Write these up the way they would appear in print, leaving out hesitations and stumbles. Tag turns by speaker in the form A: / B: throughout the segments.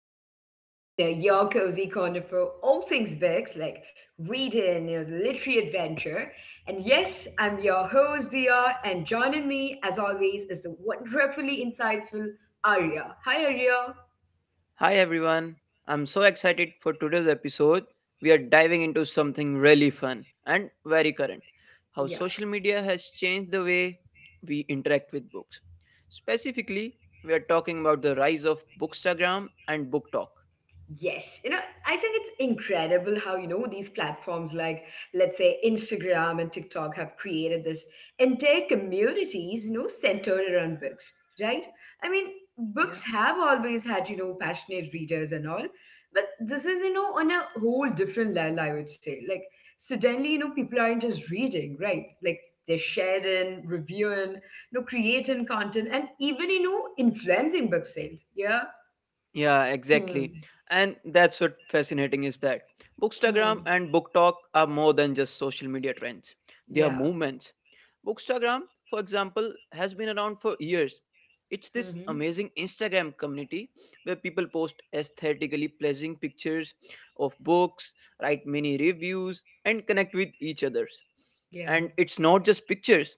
A: Between the Pages, your cozy corner for all things books, reading, the literary adventure. And yes, I'm your host, Dia, and joining me, as always, is the wonderfully insightful Arya. Hi, Arya.
B: Hi everyone. I'm so excited for today's episode. We are diving into something really fun and very current. How social media has changed the way we interact with books. Specifically, we are talking about the rise of Bookstagram and BookTok.
A: Yes, I think it's incredible how, these platforms like, let's say, Instagram and TikTok have created this entire communities, centered around books, right? I mean, books have always had, passionate readers and all, but this is, on a whole different level, I would say. Like, suddenly, people aren't just reading, right? Like, they're sharing, reviewing, creating content, and even, influencing book sales. Yeah.
B: Yeah,
A: Hmm.
B: exactly. And that's what fascinating is that Bookstagram
A: Hmm.
B: and book talk are more than just social media trends. They are
A: Yeah.
B: movements. Bookstagram, for example, has been around for years. It's this
A: Mm-hmm.
B: amazing Instagram community where people post aesthetically pleasing pictures of books, write mini reviews, and connect with each others.
A: Yeah.
B: And it's not just pictures,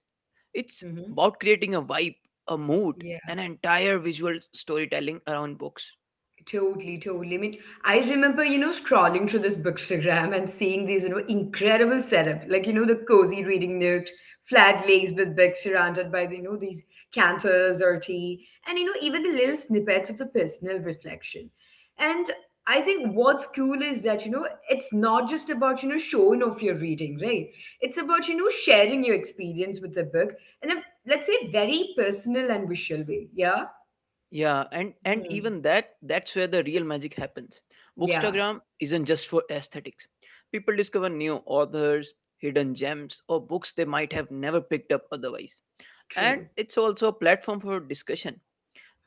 B: it's
A: Mm-hmm.
B: about creating a vibe, a mood,
A: Yeah.
B: an entire visual storytelling around books.
A: Totally, totally. I mean, I remember, scrolling through this bookstagram and seeing these, incredible setup, like, the cozy reading nook, flat lays with books surrounded by, these candles or tea, and, even the little snippets of the personal reflection. And I think what's cool is that, it's not just about, showing off your reading, right? It's about, sharing your experience with the book in a, let's say, very personal and visual way. Yeah.
B: Yeah, and
A: Hmm.
B: even that's where the real magic happens.
A: Yeah,
B: Bookstagram isn't just for aesthetics. People discover new authors, hidden gems, or books they might have never picked up otherwise. And
A: true.
B: it's also a platform for discussion.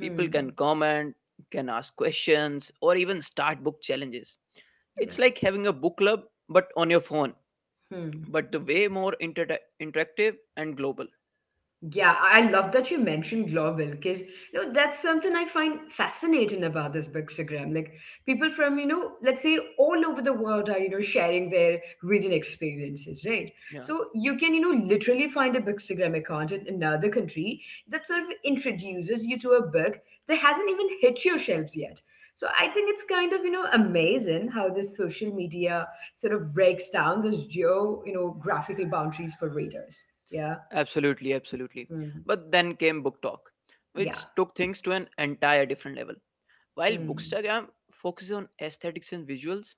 B: People can comment, can ask questions, or even start book challenges.
A: Yeah.
B: It's like having a book club but on your phone,
A: Hmm.
B: but the way more interactive and global.
A: Yeah, I love that you mentioned global because that's something I find fascinating about this bookstagram. Like people from let's say all over the world are sharing their reading experiences, right?
B: Yeah.
A: So you can literally find a bookstagram account in another country that sort of introduces you to a book that hasn't even hit your shelves yet. So I think it's kind of amazing how this social media sort of breaks down those geo graphical boundaries for readers. Yeah.
B: Absolutely, absolutely.
A: Hmm.
B: But then came Book Talk,
A: Yeah.
B: which took things to an entire different level. While
A: Hmm.
B: Bookstagram focuses on aesthetics and visuals,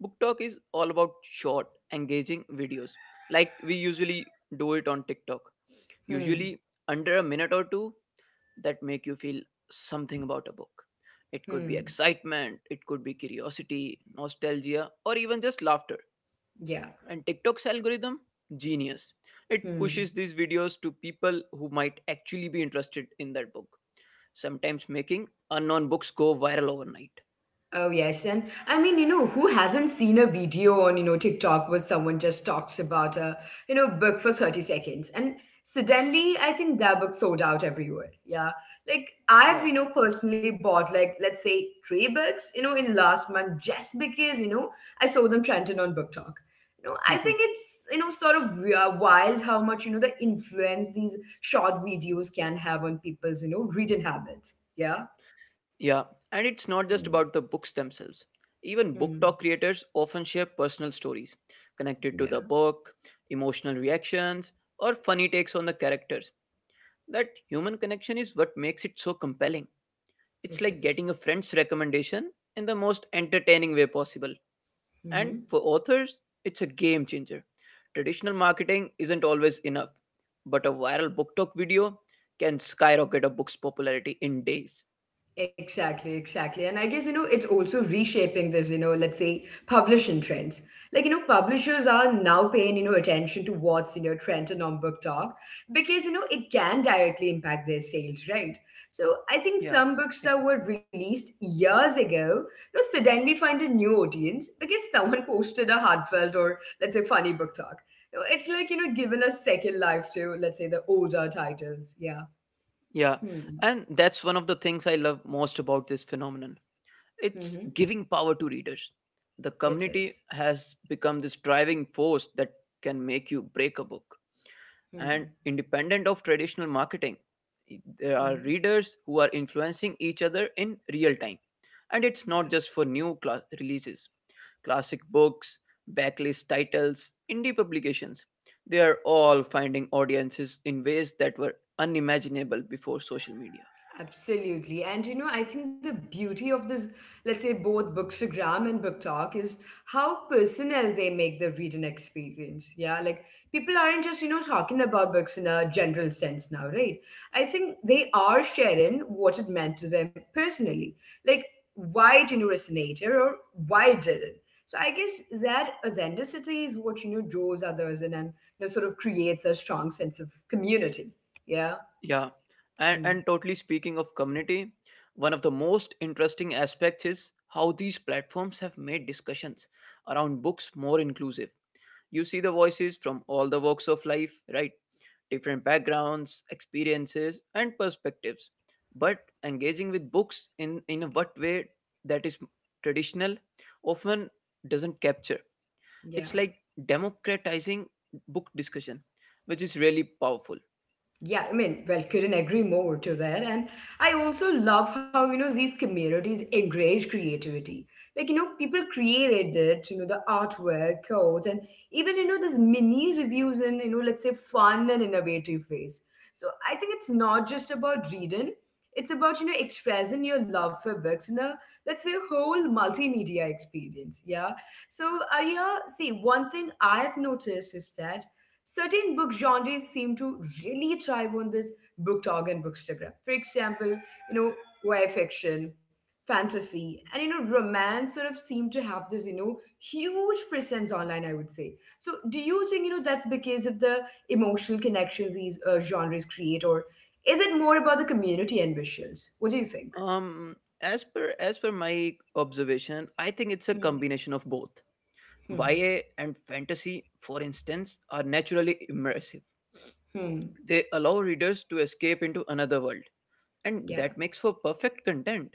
B: Book Talk is all about short, engaging videos, like we usually do it on TikTok.
A: Hmm.
B: Usually under a minute or two that make you feel something about a book. It could be
A: Hmm.
B: excitement, it could be curiosity, nostalgia, or even just laughter.
A: Yeah.
B: And TikTok's algorithm? Genius. It
A: Hmm.
B: pushes these videos to people who might actually be interested in that book, sometimes making unknown books go viral overnight.
A: Oh yes, and I mean, who hasn't seen a video on, TikTok where someone just talks about a, book for 30 seconds and suddenly I think that book sold out everywhere. Yeah. Like I've,
B: Yeah.
A: personally bought like let's say three books, in last month just because, I saw them trending on BookTok. I think it's, sort of wild how much, the influence these short videos can have on people's, reading habits. Yeah.
B: yeah. And it's not
A: Hmm.
B: just about the books themselves. Even book
A: Hmm.
B: talk creators often share personal stories connected to
A: Yeah.
B: the book, emotional reactions, or funny takes on the characters. That human connection is what makes it so compelling.
A: It
B: It's like
A: is.
B: getting a friend's recommendation in the most entertaining way possible. And
A: Mm-hmm.
B: for authors, it's a game changer. Traditional marketing isn't always enough, but a viral book talk video can skyrocket a book's popularity in days.
A: Exactly, exactly. And I guess, it's also reshaping this, let's say publishing trends. Like, publishers are now paying, attention to what's in your trend and on book talk because, it can directly impact their sales, right? So I
B: Yeah,
A: think some books that
B: exactly.
A: were released years ago, suddenly find a new audience because someone posted a heartfelt or let's say funny book talk. It's like, given a second life to, let's say, the older titles. Yeah.
B: Yeah,
A: Hmm.
B: and that's one of the things I love most about this phenomenon. It's
A: Mm-hmm.
B: giving power to readers. The
A: It
B: community
A: is.
B: has become this driving force that can make you break a book. And
A: Hmm.
B: independent of traditional marketing, there are
A: Mhm.
B: readers who are influencing each other in real time. And it's not just for new releases, classic books, backlist titles, indie publications. They are all finding audiences in ways that were unimaginable before social media.
A: Absolutely. And I think the beauty of this, let's say both Bookstagram and Book Talk is how personal they make the reading experience. Yeah. Like people aren't just, talking about books in a general sense now, right? I think they are sharing what it meant to them personally. Like why it resonated or why it didn't. So I guess that authenticity is what draws others in and sort of creates a strong sense of community. Yeah.
B: Yeah. And,
A: Mm.
B: and totally speaking of community, one of the most interesting aspects is how these platforms have made discussions around books more inclusive. You see the voices from all the walks of life, right? Different backgrounds, experiences, and perspectives. But engaging with books in a what way that is traditional often doesn't capture.
A: Yeah.
B: It's like democratizing book discussion, which is really powerful.
A: Yeah, I mean, well, couldn't agree more to that. And I also love how, these communities encourage creativity. Like, people created it, the artwork, codes, and even, this mini reviews in, let's say fun and innovative ways. So I think it's not just about reading, it's about, expressing your love for books in a, let's say, whole multimedia experience. Yeah. So, Arya, see, one thing I've noticed is that certain book genres seem to really thrive on this book talk and bookstagram. For example, you know, YA fiction, fantasy, and romance sort of seem to have this, huge presence online, I would say. So do you think, that's because of the emotional connections these genres create, or is it more about the community and visuals? What do you think?
B: Um, as per my observation, I think it's a
A: Hmm.
B: combination of both.
A: Hmm.
B: YA and fantasy, for instance, are naturally immersive.
A: Hmm.
B: They allow readers to escape into another world, and
A: Yeah.
B: that makes for perfect content.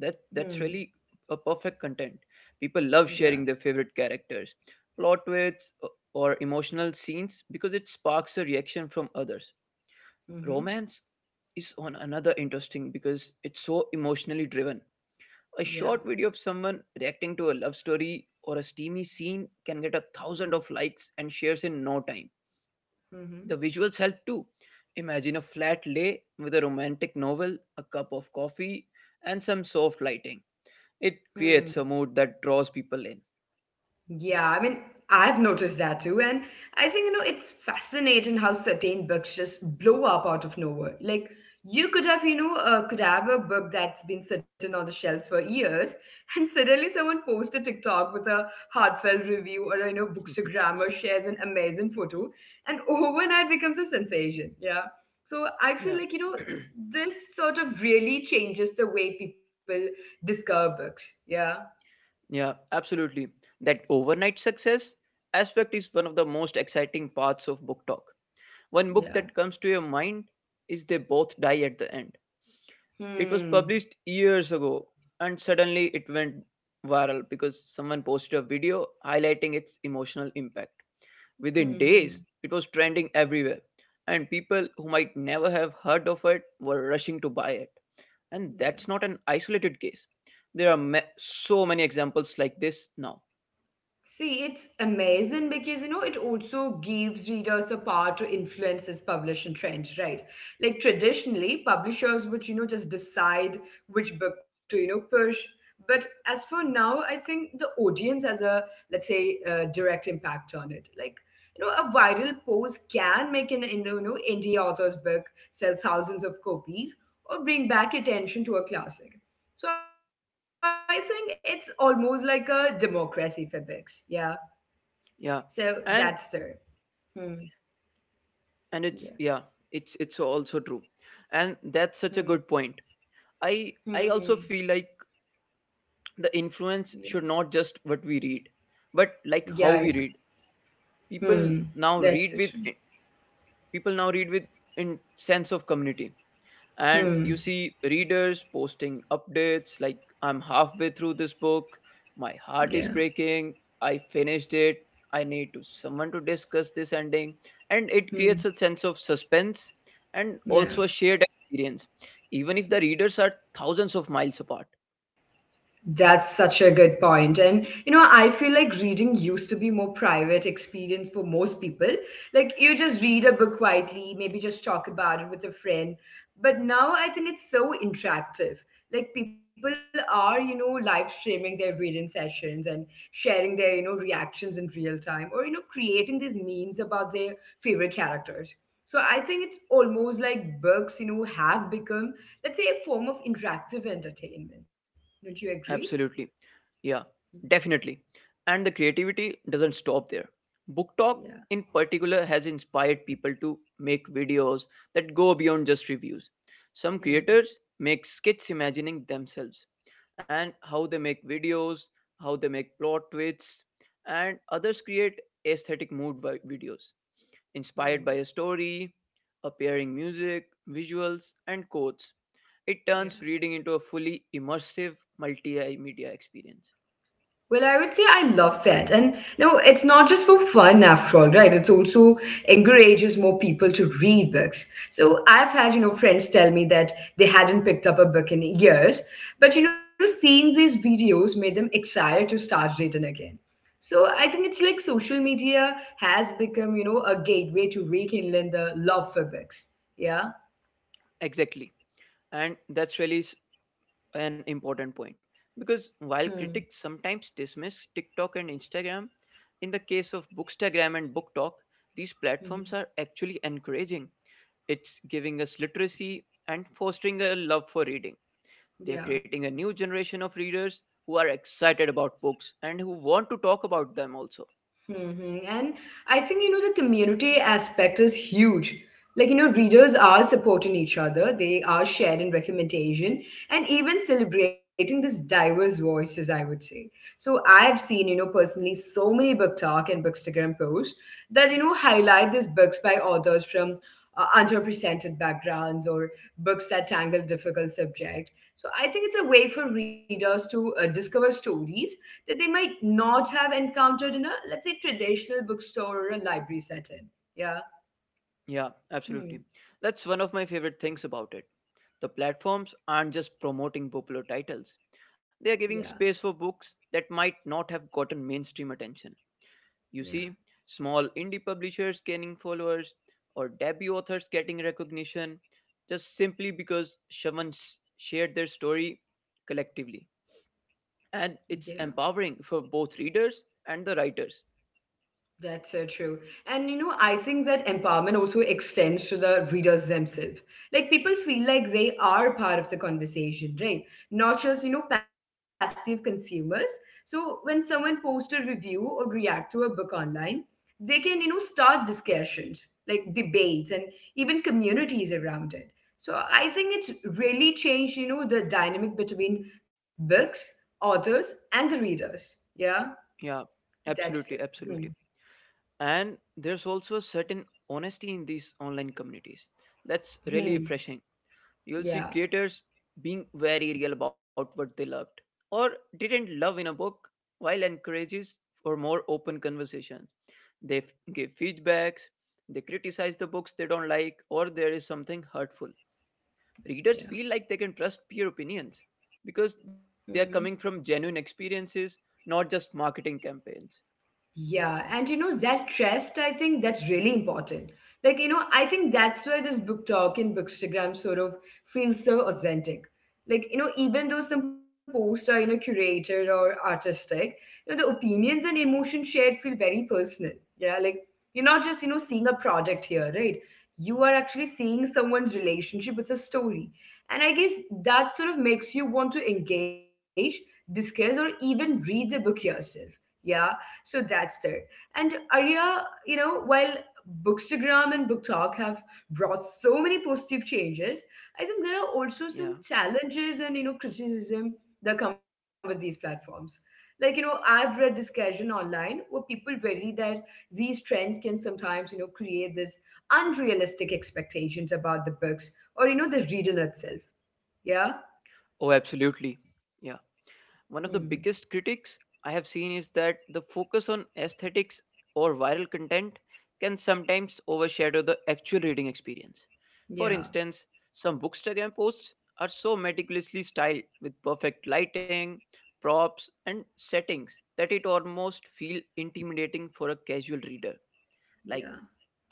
B: That
A: Hmm.
B: that's really a perfect content. People love
A: Yeah.
B: sharing their favorite characters, plot twists, or emotional scenes because it sparks a reaction from others.
A: Mm-hmm.
B: Romance is on another interesting because it's so emotionally driven. A
A: Yeah.
B: short video of someone reacting to a love story or a steamy scene can get a thousand of likes and shares in no time. The visuals help too. Imagine a flat lay with a romantic novel, a cup of coffee, and some soft lighting. It
A: Mm-hmm.
B: creates a mood that draws people in.
A: Yeah, I mean, I've noticed that too. And I think, it's fascinating how certain books just blow up out of nowhere. Like, you could have, could have a book that's been sitting on the shelves for years, and suddenly someone posts a TikTok with a heartfelt review or,
B: Mhm.
A: bookstagram or shares an amazing photo, and overnight becomes a sensation. Yeah. So I feel
B: Yeah.
A: like, this sort of really changes the way people discover books. Yeah.
B: yeah, absolutely. That overnight success aspect is one of the most exciting parts of book talk. One book that
A: Yeah.
B: comes to your mind is They Both Die at the End. It was
A: Hmm.
B: published years ago and suddenly it went viral because someone posted a video highlighting its emotional impact. Within
A: Hmm.
B: days,
A: Hmm.
B: it was trending everywhere, and people who might never have heard of it were rushing to buy it. And that's
A: Yeah.
B: not an isolated case. There are so many examples like this now.
A: See, it's amazing because it also gives readers the power to influence his publishing trends, right? Like traditionally, publishers would just decide which book to push. But as for now, I think the audience has a let's say a direct impact on it. Like a viral post can make an in indie author's book sell thousands of copies or bring back attention to a classic. So I think it's almost like a democracy for books. Yeah.
B: Yeah,
A: So
B: and
A: that's there. Hmm.
B: and it's yeah,
A: Yeah.
B: it's also true, and that's such a good point.
A: Hmm.
B: I also feel
A: Hmm.
B: like
A: Hmm.
B: the influence should not just what
A: Yeah.
B: we read, but like how we read.
A: Yeah. Yeah.
B: People now
A: Hmm.
B: read with
A: That's so true.
B: people now read with in sense of community, and you see
A: Hmm.
B: readers posting updates like I'm halfway through this book, my heart is
A: Yeah.
B: breaking, I finished it, I need to someone to discuss this ending. And it creates a sense of
A: Hmm.
B: suspense and also a shared
A: Yeah.
B: experience, even if the readers are thousands of miles apart.
A: That's such a good point. And I feel like reading used to be more private experience for most people. Like you just read a book quietly, maybe just talk about it with a friend. But now I think it's so interactive. Like people are, live streaming their reading sessions and sharing their, reactions in real time or creating these memes about their favorite characters. So I think it's almost like books, have become, let's say, a form of interactive entertainment, don't you agree?
B: Absolutely. Yeah,
A: Mm.
B: definitely. And the creativity doesn't stop there. Book Talk,
A: Yeah.
B: in particular, has inspired people to make videos that go beyond just reviews. Some
A: Hmm.
B: creators make skits imagining themselves and how they make videos, how they make plot twists, and others create aesthetic mood videos inspired
A: Hmm.
B: by a story, appearing music, visuals, and quotes. It
A: Yeah.
B: turns reading into a fully immersive multimedia experience.
A: Well, I would say I love that. And no, it's not just for fun after all, right? It's also encourages more people to read books. So I've had, friends tell me that they hadn't picked up a book in years, but seeing these videos made them excited to start reading again. So I think it's like social media has become, a gateway to rekindling the love for books. Yeah.
B: Exactly. And that's really an important point. Because
A: Hmm.
B: while critics sometimes dismiss TikTok and Instagram, in the case of Bookstagram and BookTok, these platforms
A: Mhm.
B: are actually encouraging. It's giving us literacy and fostering a love for reading. They are
A: Yeah.
B: creating a new generation of readers who are excited about books and who want to talk about them also.
A: Hmm. And I think, the community aspect is huge. Like, readers are supporting each other, they are sharing recommendation and even celebrating this diverse voices, I would say. So I've seen, personally so many book talk and bookstagram posts that, highlight these books by authors from underrepresented backgrounds or books that tangle difficult subject. So I think it's a way for readers to discover stories that they might not have encountered in a, let's say, traditional bookstore or a library setting. Yeah.
B: Yeah, absolutely.
A: Hmm.
B: That's one of my favorite things about it. The platforms aren't just promoting popular titles, they are giving
A: Yeah.
B: space for books that might not have gotten mainstream attention. You see,
A: Yeah.
B: small indie publishers gaining followers or debut authors getting recognition just simply because someone shared their story collectively.
A: Yeah.
B: And it's empowering for both readers and the writers.
A: That's so true. And I think that empowerment also extends to the readers themselves. Like people feel like they are part of the conversation, right? Not just, passive consumers. So when someone posts a review or react to a book online, they can, start discussions, like debates and even communities around it. So I think it's really changed, the dynamic between books, authors, and the readers. Yeah,
B: Yeah, absolutely,
A: that's
B: absolutely.
A: it.
B: And there's also a certain honesty in these online communities that's really
A: Hmm.
B: refreshing. You'll see
A: Yeah.
B: creators being very real about what they loved or didn't love in a book, while encourages for more open conversations. They f- give feedbacks, they criticize the books they don't like, or there is something hurtful.
A: Yeah.
B: Readers feel like they can trust peer opinions because they
A: Hmm.
B: are coming from genuine experiences, not just marketing campaigns.
A: Yeah, and that trust, I think that's really important. Like, I think that's why this book talk and bookstagram sort of feels so authentic. Like, even though some posts are, curated or artistic, the opinions and emotions shared feel very personal. Yeah, like you're not just, seeing a product here, right? You are actually seeing someone's relationship with a story. And I guess that sort of makes you want to engage, discuss, or even read the book yourself. Yeah, so that's there. And Arya, while Bookstagram and Book Talk have brought so many positive changes, I think there are also
B: Yeah.
A: some challenges and, criticism that come with these platforms. Like, I've read discussion online where people worry that these trends can sometimes, create this unrealistic expectations about the books or, the reader itself. Yeah.
B: Oh, absolutely. Yeah.
A: Hmm.
B: One of the biggest critics I have seen is that the focus on aesthetics or viral content can sometimes overshadow the actual reading experience. For
A: Yeah.
B: instance, some Bookstagram posts are so meticulously styled with perfect lighting, props, and settings that it almost feels intimidating for a casual reader. Like,
A: Yeah.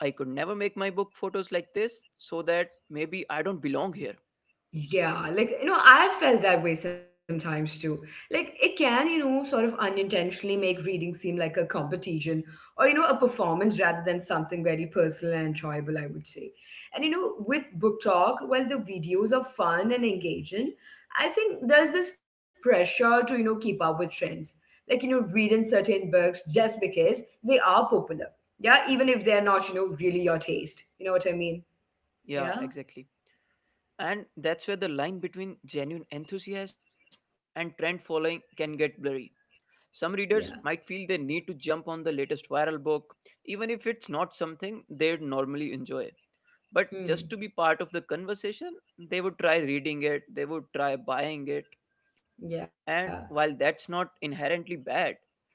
B: I could never make my book photos like this, so that maybe I don't belong here.
A: Yeah, like I felt that way sometimes too. Like it can, sort of unintentionally make reading seem like a competition or a performance rather than something very personal and enjoyable, I would say. And you know, with book talk, while the videos are fun and engaging, I think there's this pressure to, keep up with trends. Like, you know, reading certain books just because they are popular. Yeah, even if they're not, really your taste. You know what I mean?
B: Yeah,
A: Yeah.
B: exactly. And that's where the line between genuine enthusiasm and trend following can get blurry. Some readers
A: Yeah.
B: might feel they need to jump on the latest viral book, even if it's not something they'd normally enjoy. But just
A: Hmm.
B: to be part of the conversation, they would try reading it, they would try buying it. And
A: Yeah.
B: while that's not inherently bad,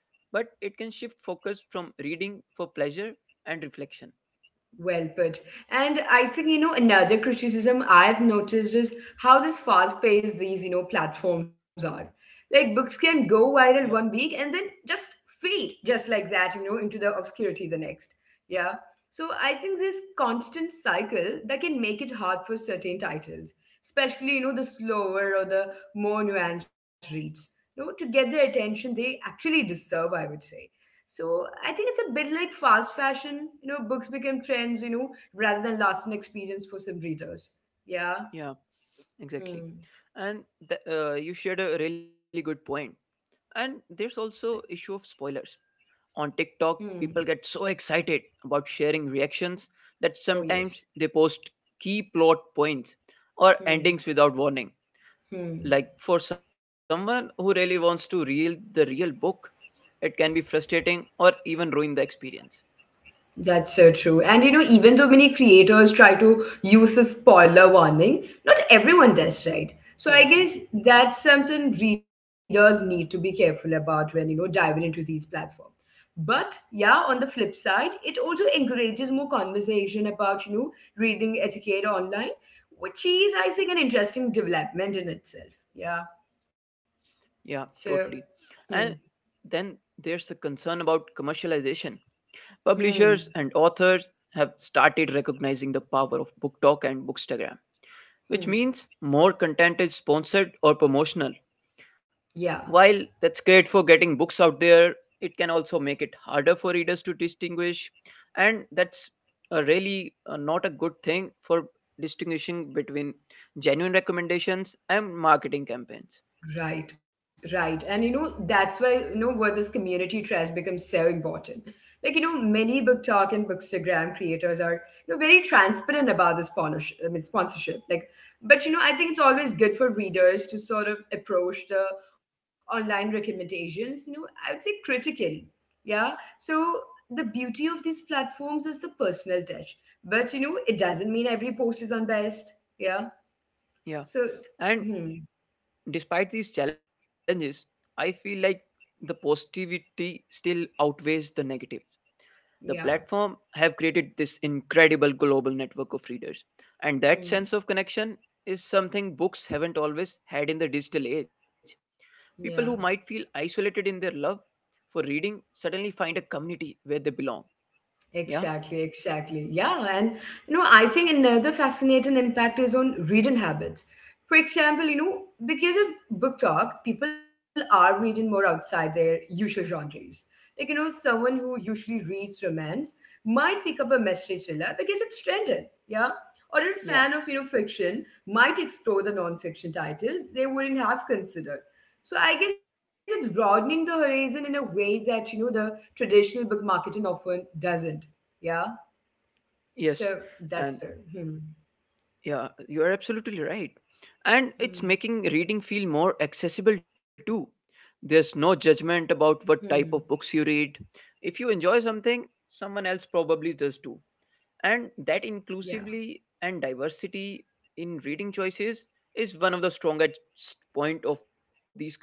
B: but it can shift focus from reading for pleasure and reflection.
A: Well put. And I think, another criticism I've noticed is how this fast paced these, platforms are. Like books can go viral
B: Yeah,
A: 1 week and then just fade just like that, into the obscurity the next. Yeah. So I think this constant cycle that can make it hard for certain titles, especially, the slower or the more nuanced reads, to get the attention they actually deserve, I would say. So I think it's a bit like fast fashion. You know, books become trends, rather than lasting experience for some readers. Yeah.
B: yeah, exactly.
A: Hmm.
B: And you shared a really good point. And there's also issue of spoilers. On TikTok,
A: Hmm.
B: people get so excited about sharing reactions that
A: Oh
B: sometimes
A: yes.
B: they post key plot points or endings
A: Hmm.
B: without warning. Like
A: Hmm.
B: for someone who really wants to read the real book, it can be frustrating or even ruin the experience.
A: That's so true. And you know, even though many creators try to use a spoiler warning, not everyone does, right? So
B: Yeah,
A: I guess that's something readers need to be careful about when, diving into these platforms. But yeah, on the flip side, it also encourages more conversation about, reading etiquette online, which is, I think, an interesting development in itself. Yeah.
B: yeah, totally.
A: So,
B: And
A: hmm,
B: then there's the concern about commercialization. Publishers and
A: hmm,
B: authors have started recognizing the power of BookTok and Bookstagram, which means
A: hmm.
B: more content is sponsored or promotional. While
A: Yeah.
B: that's great for getting books out there, it can also make it harder for readers to distinguish, and that's a really not a good thing for distinguishing between genuine recommendations and marketing campaigns.
A: Right, right. And you know, that's why, where this community trust becomes so important. Like, you know, many BookTok and Bookstagram creators are, very transparent about the sponsorship, I mean, sponsorship. Like, but you know, I think it's always good for readers to sort of approach the online recommendations, I would say critically. Yeah. So the beauty of these platforms is the personal touch. But you know, it doesn't mean every post is unbiased. Yeah.
B: Yeah,
A: So,
B: and
A: hmm,
B: despite these challenges, I feel like the positivity still outweighs the negative. The
A: yeah.
B: platform have created this incredible global network of readers. And that
A: Hmm.
B: sense of connection is something books haven't always had in the digital age. People
A: Yeah.
B: who might feel isolated in their love for reading suddenly find a community where they belong. Yeah?
A: Exactly, exactly. Yeah, and you know, I think another fascinating impact is on reading habits. For example, because of book talk, people are reading more outside their usual genres. Like, you know, someone who usually reads romance might pick up a mystery thriller because it's trending, yeah? Or a fan
B: Yeah.
A: of, fiction might explore the non-fiction titles they wouldn't have considered. So I guess it's broadening the horizon in a way that, the traditional book marketing often doesn't. Yeah. So
B: Yes.
A: that's the
B: And
A: hmm,
B: yeah, you are absolutely right. And it's
A: hmm,
B: making reading feel more accessible too. There's no
A: hmm.
B: judgment about what type of books you read. If you enjoy something, someone else probably does too, and
A: Yeah.
B: that inclusively and diversity in reading choices is one of the strongest point of these communities.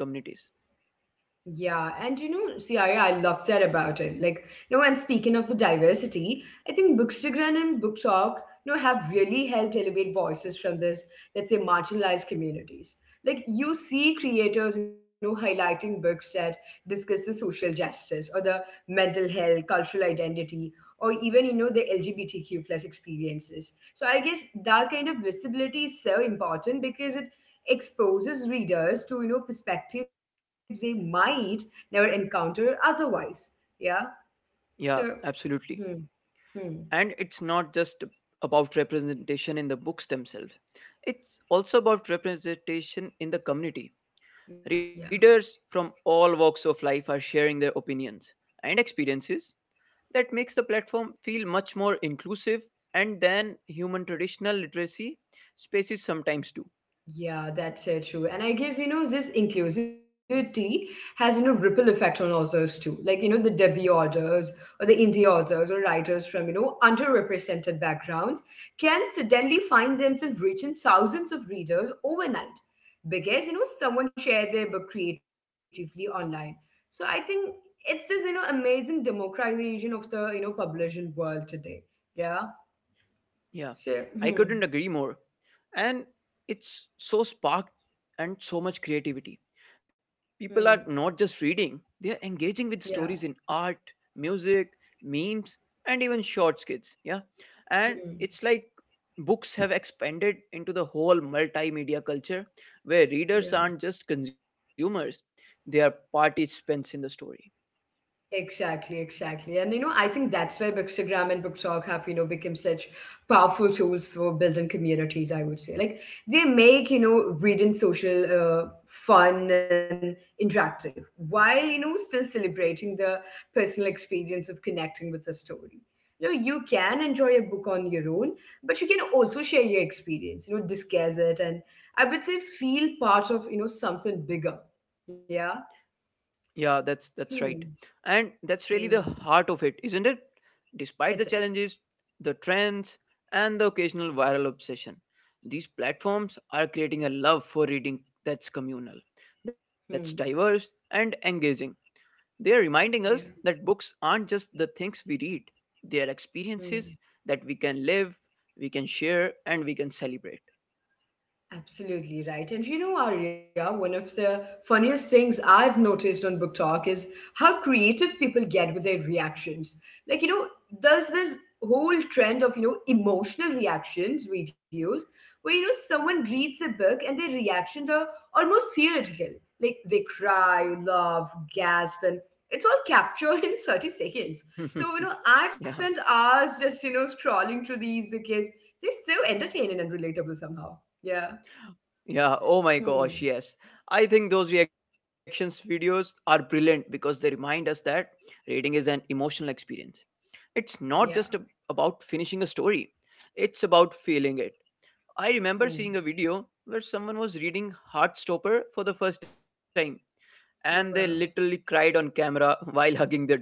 A: Yeah, and you know, see, I love that about it. Like, you know, and speaking of the diversity, I think Bookstagram and Book Talk, have really helped elevate voices from this, let's say, marginalized communities. Like, you see creators, highlighting books that discuss the social justice or the mental health, cultural identity, or even, the LGBTQ plus experiences. So I guess that kind of visibility is so important because it exposes readers to perspectives they might never encounter otherwise. Yeah. So
B: Yeah, absolutely.
A: hmm, hmm,
B: And it's not just about representation in the books themselves, it's also about representation in the community.
A: yeah.
B: Readers from all walks of life are sharing their opinions and experiences. That makes the platform feel much more inclusive and than human traditional literacy spaces sometimes do.
A: Yeah, that's so true. And I guess, this inclusivity has, ripple effect on authors too. Like, you know, the debut authors or the indie authors or writers from, underrepresented backgrounds can suddenly find themselves reaching thousands of readers overnight because, someone shared their book creatively online. So I think it's this, amazing democratization of the, publishing world today. Yeah. So,
B: Yeah, I
A: hmm,
B: couldn't agree more. And it's so sparked and so much creativity. People are
A: hmm,
B: not just reading, they are engaging with
A: yeah,
B: stories in art, music, memes, and even short skits. Yeah, and
A: hmm,
B: it's like books have expanded into the whole multimedia culture where
A: yeah.
B: readers aren't just consumers, they are participants in the story.
A: Exactly, exactly. And you know, I think that's why Bookstagram and BookTok have, become such powerful tools for building communities, I would say. Like they make, reading social fun and interactive while, still celebrating the personal experience of connecting with a story. You know, you can enjoy a book on your own, but you can also share your experience, discuss it and I would say feel part of, something bigger. Yeah.
B: Yeah, that's right.
A: Hmm.
B: And that's really the
A: Hmm.
B: heart of it, isn't it? Despite the
A: It
B: challenges,
A: is.
B: the trends, and the occasional viral obsession, these platforms are creating a love for reading that's communal, that's diverse
A: Hmm.
B: and engaging. They are reminding us
A: Yeah.
B: that books aren't just the things we read, they are experiences
A: Hmm.
B: that we can live, we can share, and we can celebrate.
A: Absolutely right. And you know, Arya, one of the funniest things I've noticed on Book Talk is how creative people get with their reactions. Like, you know, there's this whole trend of, emotional reactions videos where, someone reads a book and their reactions are almost theatrical. Like, they cry, laugh, gasp, and it's all captured in 30 seconds. So, you know, I've
B: yeah.
A: spent hours just, scrolling through these because they're so entertaining and relatable somehow. Yeah.
B: Yeah,
A: S.
B: oh my gosh,
A: Hmm.
B: yes. I think those reactions videos are brilliant because they remind us that reading is an emotional experience. It's not just
A: Yeah.
B: about finishing a story, it's about feeling it. I remember seeing
A: Hmm.
B: a video where someone was reading Heartstopper for the first time and they literally
A: Wow.
B: cried on camera while hugging their dog.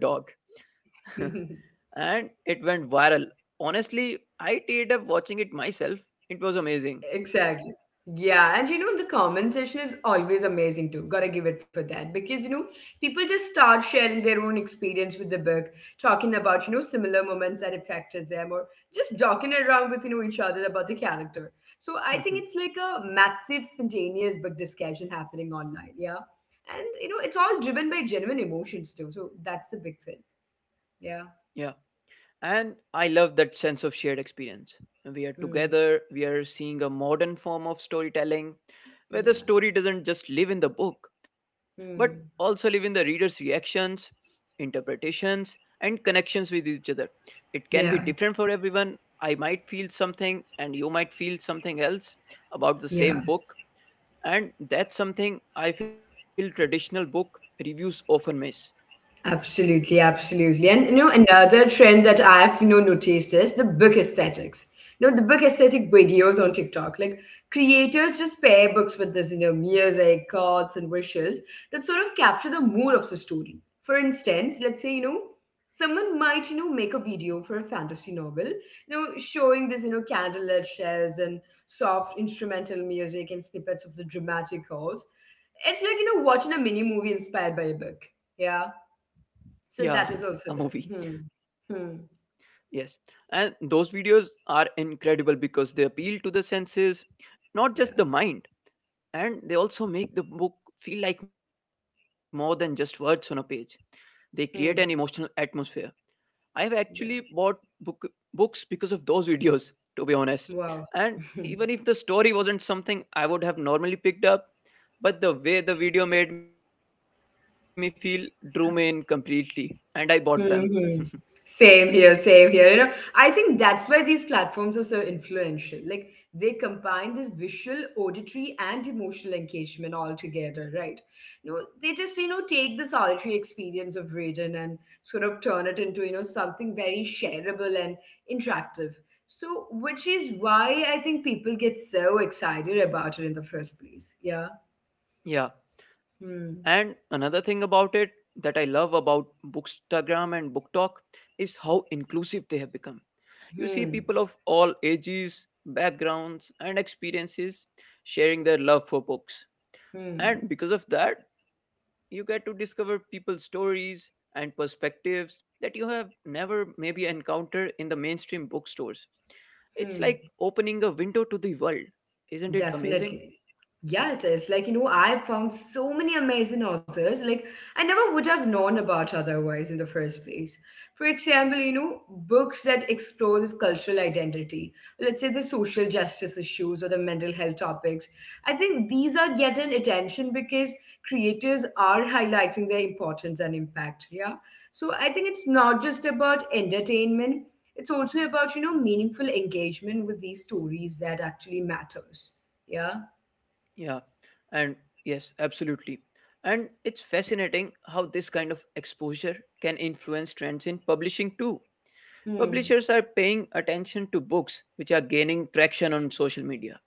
B: And it went viral. Honestly, I teared up watching it myself. It was amazing.
A: Exactly. Yeah, and you know, the comment section is always amazing too. Gotta give it for that because you know, people just start sharing their own experience with the book, talking about similar moments that affected them, or just joking around with each other about the character. So I think it's like a massive spontaneous book discussion happening online. Yeah, and you know, it's all driven by genuine emotions too. So that's the big thing. Yeah.
B: And I love that sense of shared experience. We are
A: Hmm.
B: together, we are seeing a modern form of storytelling where the
A: Yeah.
B: story doesn't just live in the book, but also live
A: Hmm.
B: in the reader's reactions, interpretations, and connections with each other. It can be
A: Yeah,
B: different for everyone. I might feel something, and you might feel something else about the
A: yeah,
B: same book. And that's something I feel traditional book reviews often miss.
A: absolutely, absolutely. And you know,
B: Yeah.
A: another trend that I've noticed is the book aesthetics. You know, the book aesthetic videos on TikTok. Like creators just pair books with this, music, chords, and visuals that sort of capture the mood of the story. For instance, let's say, someone might, make a video for a fantasy novel, showing this, candlelit shelves and soft instrumental music and snippets of the dramatic calls. It's like, watching a mini movie inspired by a book. Yeah.
B: Yeah,
A: So that
B: a
A: is also
B: movie.
A: there. Hmm. Hmm.
B: Yes, and those videos are incredible because they appeal to the senses,
A: Yeah.
B: not just the mind, and they also make the book feel like more than just words on a page. They create an
A: Hmm.
B: emotional atmosphere. I have actually
A: Yeah.
B: bought books because of those videos, to be honest.
A: Wow.
B: And even if the story wasn't something I would have normally picked up, but the way the video made me feel drew me in completely, and I bought them.
A: hmm. Same here, same here. You know, I think that's why these platforms are so influential. Like they combine this visual, auditory, and emotional engagement all together, right? You know, they just take the solitary experience of reading and sort of turn it into something very shareable and interactive. So, which is why I think people get so excited about it in the first place. Yeah.
B: Yeah.
A: Hmm.
B: And another thing about it that I love about Bookstagram and Book Talk is how inclusive they have become. You see
A: Hmm.
B: people of all ages, backgrounds, and experiences sharing their love for books.
A: Hmm.
B: And because of that, you get to discover people's stories and perspectives that you have never maybe encountered in the mainstream bookstores. It's
A: Hmm.
B: like opening a window to the world. Isn't it amazing?
A: Definitely. Yeah, it is. Like, you know, I've found so many amazing authors, like, I never would have known about otherwise in the first place. For example, books that explore this cultural identity, let's say the social justice issues or the mental health topics. I think these are getting attention because creators are highlighting their importance and impact. Yeah. So I think it's not just about entertainment, it's also about meaningful engagement with these stories that actually matters. Yeah.
B: Yeah, and yes, absolutely. And it's fascinating how this kind of exposure can influence trends in publishing too.
A: Hmm.
B: Publishers are paying attention to books which are gaining traction on social media.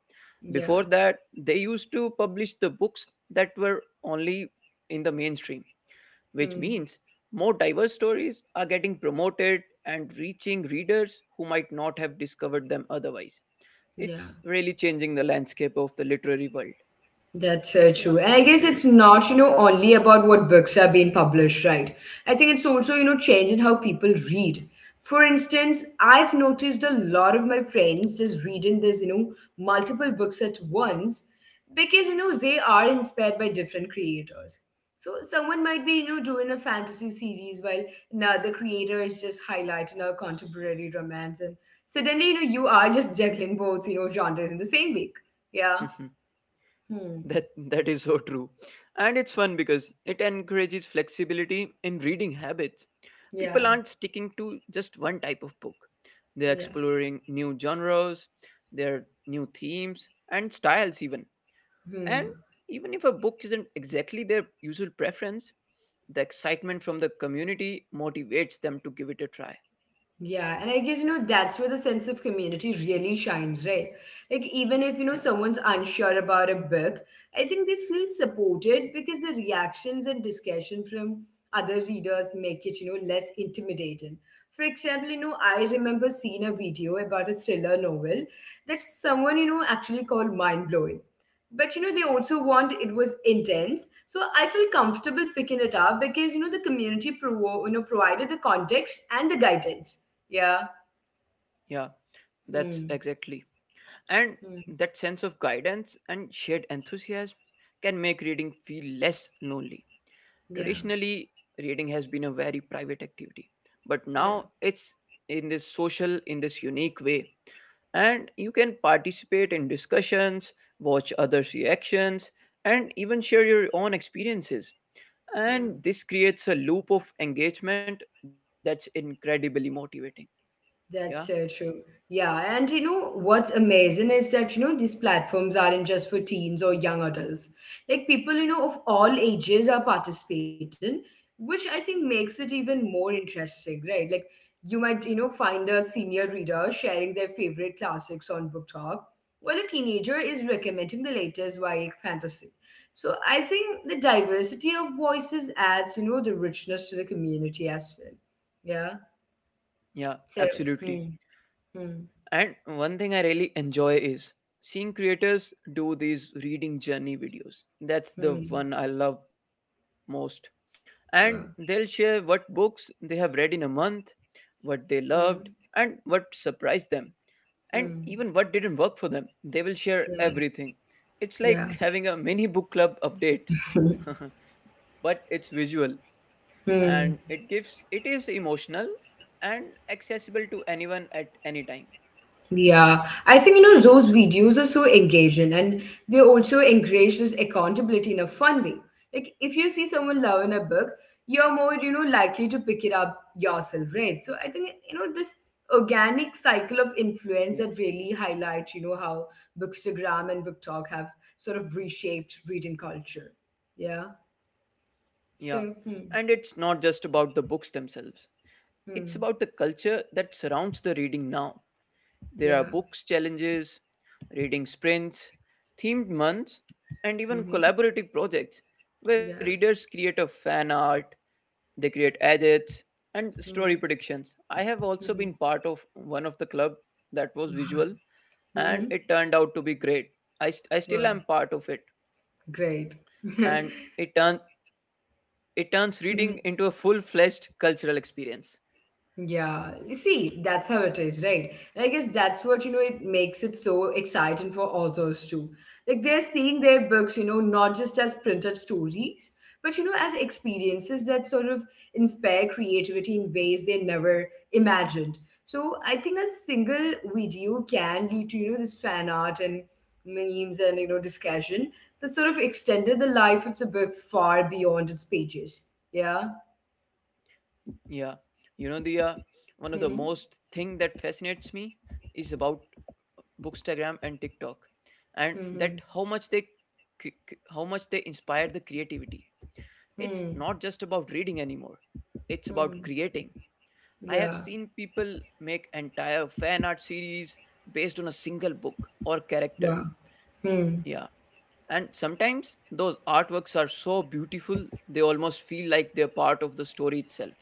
A: Yeah.
B: Before that, they used to publish the books that were only in the mainstream, which
A: Hmm.
B: means more diverse stories are getting promoted and reaching readers who might not have discovered them otherwise.
A: Yeah.
B: It's really changing the landscape of the literary world.
A: That's so
B: Yeah.
A: true. And I guess it's not, only about what books are being published, right? I think it's also, change in how people read. For instance, I've noticed a lot of my friends just reading this, multiple books at once because, they are inspired by different creators. So someone might be, doing a fantasy series while another creator is just highlighting a contemporary romance. And suddenly, you are just juggling both, genres in the same week. Yeah. Hmm.
B: That is so true, and it's fun because it encourages flexibility in reading habits. People
A: Yeah.
B: aren't sticking to just one type of book, they're
A: Yeah.
B: exploring new genres, their new themes and styles even. And
A: Hmm.
B: even if a book isn't exactly their usual preference, the excitement from the community motivates them to give it a try.
A: Yeah. And I guess, that's where the sense of community really shines, right? Like, even if,
B: Yeah,
A: someone's unsure about a book, I think they feel supported because the reactions and discussion from other readers make it, less intimidating. For example, I remember seeing a video about a thriller novel that someone, actually called mind blowing. But you know they also want it was intense so I feel comfortable picking it up because the community provided the context and the guidance. Yeah.
B: yeah, that's
A: Hmm.
B: exactly. And
A: Hmm.
B: that sense of guidance and shared enthusiasm can make reading feel less lonely.
A: Yeah,
B: Traditionally, reading has been a very private activity, but
A: yeah,
B: now it's in this social, in this unique way. And you can participate in discussions, watch others' reactions, and even share your own experiences.
A: yeah.
B: And this creates a loop of engagement that's incredibly motivating. Yeah,
A: That's so true. Yeah, and you know what's amazing is that these platforms aren't just for teens or young adults. Like people of all ages are participating, which I think makes it even more interesting, right? Like you might find a senior reader sharing their favorite classics on Book Talk, while a teenager is recommending the latest YA fantasy. So I think the diversity of voices adds the richness to the community as well. Yeah.
B: yeah,
A: So.
B: absolutely.
A: Hmm. Hmm.
B: And one thing I really enjoy is seeing creators do these reading journey videos. That's the
A: Hmm.
B: one I love most. And they'll share
A: Wow.
B: what books they have read in a month, what they loved,
A: Hmm.
B: and what surprised them, and even
A: Hmm.
B: what didn't work for them. They will share
A: Yeah.
B: everything. It's
A: Yeah.
B: like having a mini book club update, but it's visual
A: Hmm.
B: and it gives it is emotional and accessible to anyone at any time.
A: Yeah. I think, those videos are so engaging and they also encourage this accountability in a fun way. Like, if you see someone loving a book, you're more, likely to pick it up yourself, right? So I think, this organic cycle of
B: Yeah.
A: influence that really highlights, how Bookstagram and Book Talk have sort of reshaped reading culture. Yeah.
B: Yeah,
A: So, hmm.
B: and it's not just about the books themselves, it's
A: Hmm.
B: about the culture that surrounds the reading now. There are
A: Yeah.
B: books challenges, reading sprints, themed months, and even
A: Mm-hmm.
B: collaborative projects where
A: Yeah.
B: readers create a fan art, they create edits, and
A: Mm-hmm.
B: story predictions. I have also been part of one of the club that was visual
A: hmm.
B: and it turned out to be great. I, I still
A: Wow.
B: am part of it
A: Great.
B: and it turn, it turns reading into a full-fledged cultural experience.
A: Yeah, you see, that's how it is, right? And I guess that's what, you know, it makes it so exciting for authors too. Like they're seeing their books, you know, not just as printed stories, but, you know, as experiences that sort of inspire creativity in ways they never imagined. So I think a single video can lead to, you know, this fan art and memes and, you know, discussion that sort of extended the life of the book far beyond its pages. Yeah.
B: Yeah, you know the one of the most
A: hmm
B: thing that fascinates me is about Bookstagram and TikTok, and that
A: hmm
B: how much they how much they inspire the creativity. It's
A: hmm
B: not just about reading anymore; it's about
A: hmm
B: creating. I have
A: Yeah.
B: seen people make entire fan art series based on a single book or character.
A: Wow. Hmm.
B: Yeah, and sometimes those artworks are so beautiful, they almost feel like they're part of the story itself.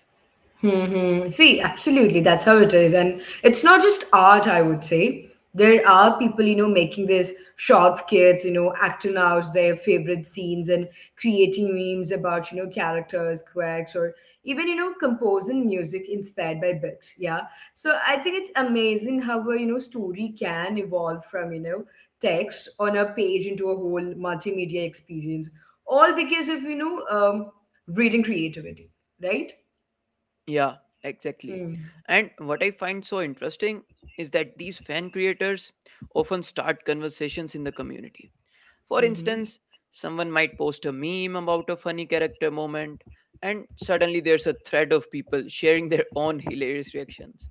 A: Mm-hmm. See, absolutely, that's how it is. And it's not just art, I would say. There are people, you know, making these short skits, you know, acting out their favorite scenes and creating memes about, you know, characters, quirks, or even, you know, composing music inspired by books. Yeah. So I think it's amazing how a, you know, story can evolve from, you know, text on a page into a whole multimedia experience, all because of, reading creativity, right?
B: Yeah, exactly. And what I find so interesting is that these fan creators often start conversations in the community. For
A: Mm-hmm.
B: instance, someone might post a meme about a funny character moment, and suddenly there's a thread of people sharing their own hilarious reactions.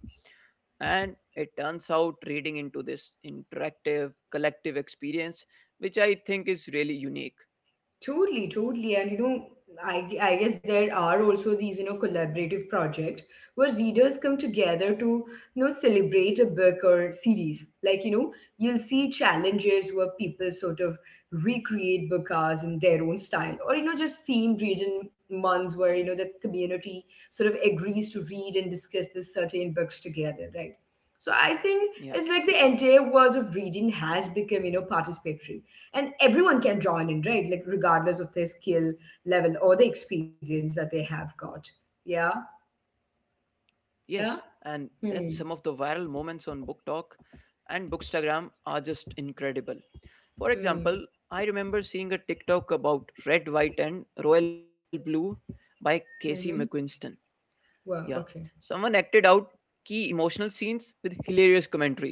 B: And it turns out reading into this interactive collective experience, which I think is really unique.
A: Totally, totally. And you know, I guess there are also these, you know, collaborative projects where readers come together to, you know, celebrate a book or series. Like, you know, you'll see challenges where people sort of recreate book hours in their own style, or, you know, just themed reading months where, you know, the community sort of agrees to read and discuss this certain books together, right? So I think
B: Yeah,
A: it's like the entire world of reading has become, you know, participatory and everyone can join in right like regardless of their skill level or the experience that they have got yeah
B: yes,
A: yeah
B: and that's
A: hmm
B: some of the viral moments on Book Talk and Bookstagram are just incredible. For
A: hmm
B: example, I remember seeing a TikTok about Red, White and Royal Blue by Casey
A: hmm
B: McQuiston. Yeah,
A: wow okay
B: someone acted out key emotional scenes with hilarious commentary,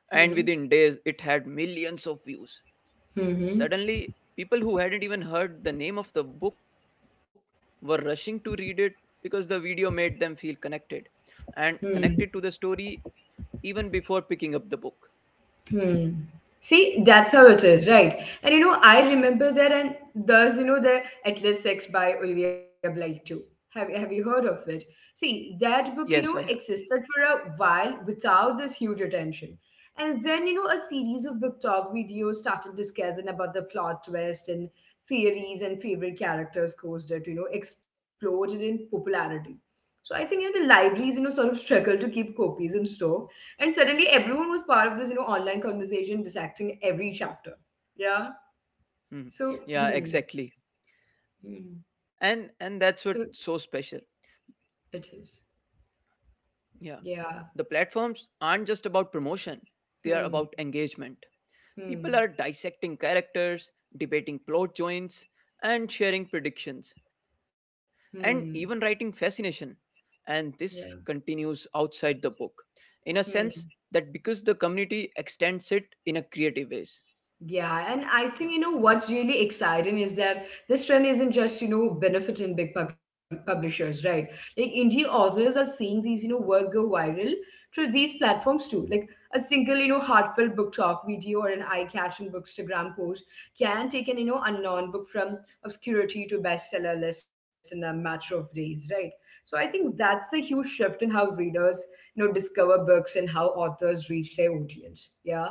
B: and
A: hmm
B: within days it had millions of views.
A: hmm hmm
B: Suddenly, people who hadn't even heard the name of the book were rushing to read it because the video made them feel connected and connected
A: Hmm.
B: to the story even before picking up the book.
A: Hmm. See, that's how it
B: Yeah.
A: is, right? And you know, I remember that, and there's you know the Atlas Sex by Olivia Bligh too. Have you heard of it? See, that book you know
B: Yes, I have.
A: existed for a while without this huge attention, and then you know a series of book talk videos started discussing about the plot twist and theories and favorite characters caused it. You know, exploded in popularity. So I think you know the libraries you know sort of struggle to keep copies in store and suddenly everyone was part of this, you know, online conversation dissecting every chapter. Yeah. So,
B: Mhm.
A: hmm.
B: Yeah, exactly.
A: hmm.
B: And
A: So
B: that's what's so special.
A: it is.
B: Yeah.
A: Yeah.
B: The platforms aren't just about promotion.
A: Hmm.
B: They are about engagement.
A: Hmm.
B: People are dissecting characters, debating plot joints, and sharing predictions,
A: Hmm.
B: and even writing fascination, and
A: Yeah.
B: this continues outside the book in a
A: Hmm.
B: sense that because the community extends it in a creative ways.
A: Yeah, and I think you know
B: Yeah,
A: what's really exciting is that this trend isn't just you know benefiting big publishers, right? Like indie authors are seeing these you know work go viral through these platforms too. Like a single you know heartfelt book talk video or an eye-catching bookstagram post can take an you know unknown book from obscurity to bestseller list in a matter of days, right? So I think that's a huge shift in how readers you know discover books and how authors reach their audience. Yeah.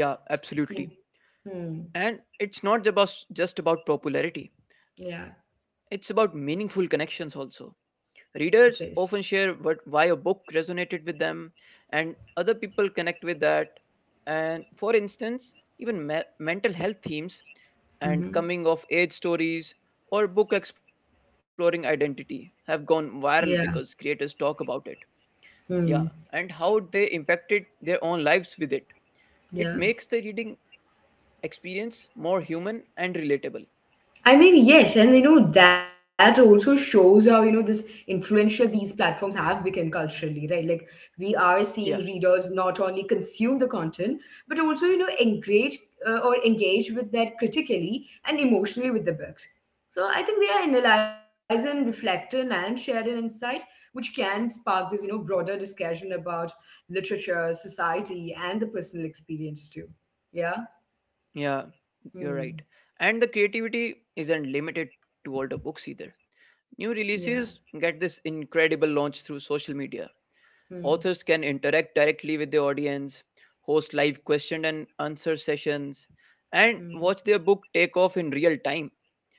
B: yeah,
A: Hmm.
B: absolutely.
A: Hmm.
B: And it's not about just about popularity, it's
A: Yeah,
B: about meaningful connections also. Readers
A: it
B: often
A: is.
B: share what why a book resonated with them, and other people connect with that. And for instance, even mental health themes and
A: Mhm.
B: coming of age stories or book exploring identity have gone viral because
A: Yeah.
B: creators talk about it. Yeah, and
A: Hmm.
B: how they impacted their own lives with it. It makes
A: Yeah.
B: the reading experience more human and relatable.
A: I mean, yes, and you know, that also shows how, you know, this influential these platforms have become culturally, right? Like, we are
B: Yeah,
A: seeing readers not only consume the content, but also, you know, engage with that critically and emotionally with the books. So I think they are analyzing, reflecting, and sharing insight, which can spark this, you know, broader discussion about literature, society, and the personal experience too. Yeah.
B: yeah, you're right.
A: Hmm.
B: And the creativity isn't limited to older books either. New
A: Yeah.
B: releases get this incredible launch through social media.
A: Hmm.
B: Authors can interact directly with the audience, host live question and answer sessions, and
A: Hmm.
B: watch their book take off in real time.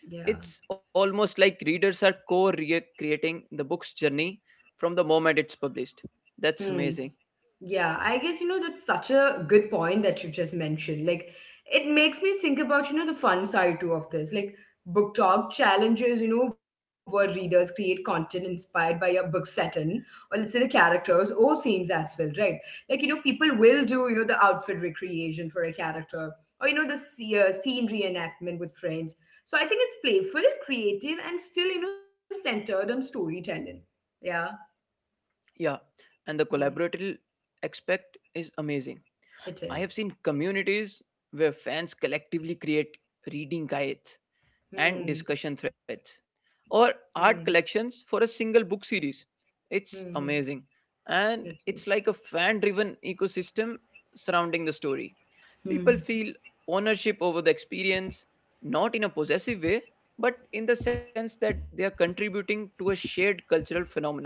A: Yeah.
B: It's almost like readers are co creating the book's journey from the moment it's published. That's
A: Hmm.
B: amazing.
A: Yeah, I guess you know that's such a good point that you just mentioned. Like, it makes me think about you know the fun side too of this. Like, book talk challenges, you know, where readers create content inspired by a book setting or let's say the characters or themes as well, right? Like, you know, people will do you know the outfit recreation for a character or you know the scene reenactment with friends. So I think it's playful, creative, and still you know centered on storytelling. Yeah,
B: Yeah, and the
A: hmm.
B: collaborative aspect is amazing.
A: it
B: I have
A: is.
B: seen communities where fans collectively create reading guides and
A: Hmm.
B: discussion threads or
A: Hmm,
B: art collections for a single book series.
A: hmm,
B: It's
A: hmm.
B: amazing. And
A: It
B: it's
A: is.
B: like a fan driven ecosystem surrounding the story. People
A: Hmm,
B: feel ownership over the experience, not in a possessive way, but in the sense that they are contributing to a shared cultural phenomenon.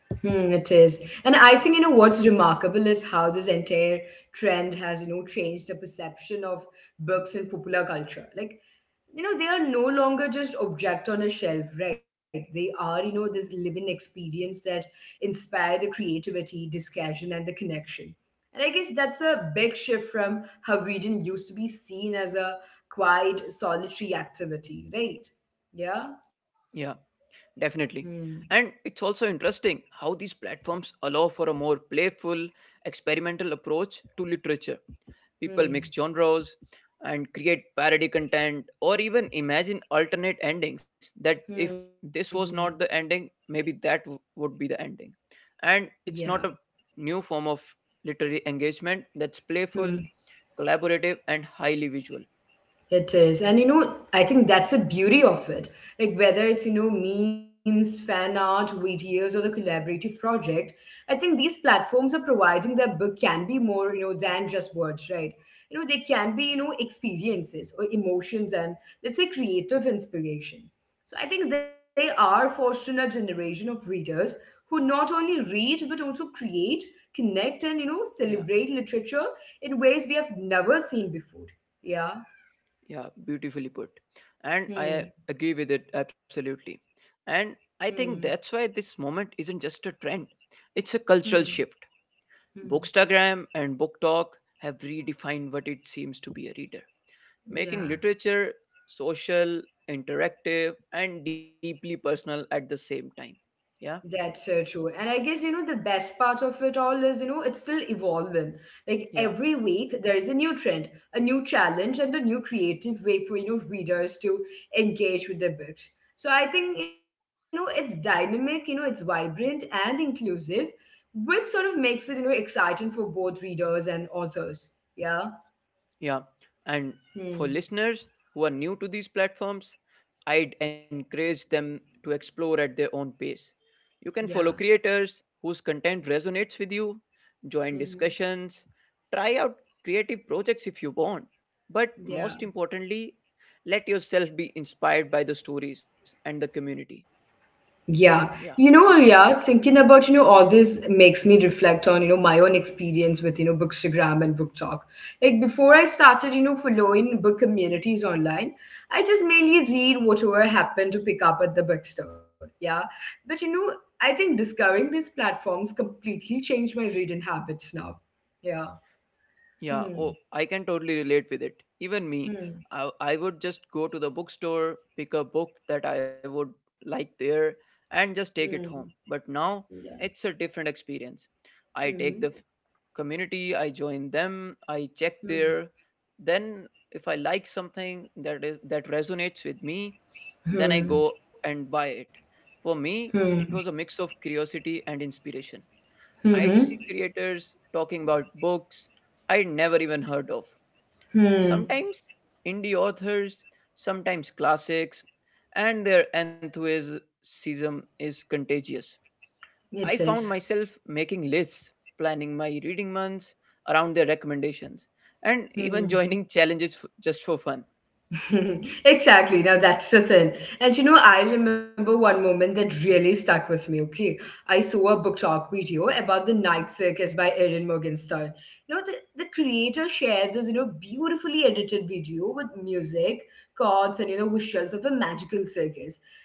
A: hmm, it is. And I think, you
B: Yeah,
A: know, what's remarkable is how this entire trend has, you know, changed the perception of books in popular culture. Like, you know, they are no longer just object on a shelf, right? They are, you know, this living experience that inspire the creativity, discussion, and the connection. And I guess that's a big shift from how reading used to be seen as a quiet, solitary activity, right? Yeah.
B: yeah, definitely.
A: Hmm.
B: And it's also interesting how these platforms allow for a more playful, experimental approach to literature. People mix
A: Hmm.
B: genres and create parody content or even imagine alternate endings that if
A: Hmm. Hmm.
B: this was not the ending, maybe that would be the ending. And
A: Yeah.
B: it's not a new form of literary engagement that's playful,
A: Hmm.
B: collaborative, and highly visual.
A: It is. And you know, I think that's the beauty of it. Like whether it's, you know, memes, fan art, videos, or the collaborative project, I think these platforms are providing that book can be more, you know, than just words, right? You know, they can be, you know, experiences or emotions and let's say creative inspiration. So I think they are fostering a generation of readers who not only read but also create, connect, and you know,
B: Yeah,
A: celebrate literature in ways we have never seen before. Yeah.
B: yeah, beautifully put. And I
A: Hmm.
B: agree with it absolutely. And I think
A: Hmm.
B: that's why this moment isn't just a trend, it's a cultural
A: Hmm.
B: shift.
A: Hmm.
B: Bookstagram and Book Talk have redefined what it seems to be a reader, making
A: Yeah,
B: literature social, interactive, and deeply personal at the same time. Yeah,
A: that's so true. And I guess, you know, the best part of it all is, you know, it's still evolving. Like
B: yeah.
A: every week, there is a new trend, a new challenge, and a new creative way for, you know, readers to engage with their books. So I think, you know, it's dynamic, you know, it's vibrant and inclusive, which sort of makes it, you know, exciting for both readers and authors. Yeah.
B: Yeah, and
A: Hmm.
B: for listeners who are new to these platforms, I'd encourage them to explore at their own pace. You can follow
A: Yeah.
B: creators whose content resonates with you, join
A: hmm
B: discussions, try out creative projects if you want, but
A: Yeah.
B: most importantly, let yourself be inspired by the stories and the community.
A: Yeah,
B: Yeah.
A: yeah, thinking about, you know, all this makes me reflect on, you know, my own experience with, you know, Bookstagram and Book Talk. Like before I started, you know, following book communities online, I just mainly read whatever happened to pick up at the bookstore. Yeah. But, you know, I think discovering these platforms completely changed my reading habits now. Yeah.
B: Yeah,
A: Hmm.
B: oh, I can totally relate with it. Even me,
A: Hmm.
B: I would just go to the bookstore, pick a book that I would like there, and just take
A: Hmm.
B: it home. But now
A: Yeah.
B: it's a different experience. I take
A: Hmm.
B: the community, I join them, I check
A: Hmm.
B: there. Then, if I like something that is that resonates with me, then I
A: Hmm.
B: go and buy it. For me,
A: Hmm.
B: it was a mix of curiosity and inspiration. I'd
A: Hmm.
B: see creators talking about books I'd never even heard of.
A: Hmm.
B: Sometimes indie authors, sometimes classics, and their enthusiasm is contagious.
A: It
B: I
A: is.
B: found myself making lists, planning my reading months around their recommendations, and even
A: Hmm.
B: joining challenges just for fun.
A: exactly. Now that's the thing. And you know, I remember one moment that really stuck with me. Okay, I saw a book talk video about the Night Circus by Erin Morgenstern. You know, the creator shared this, you know, beautifully edited video with music, chords, and you know, visuals of a magical circus.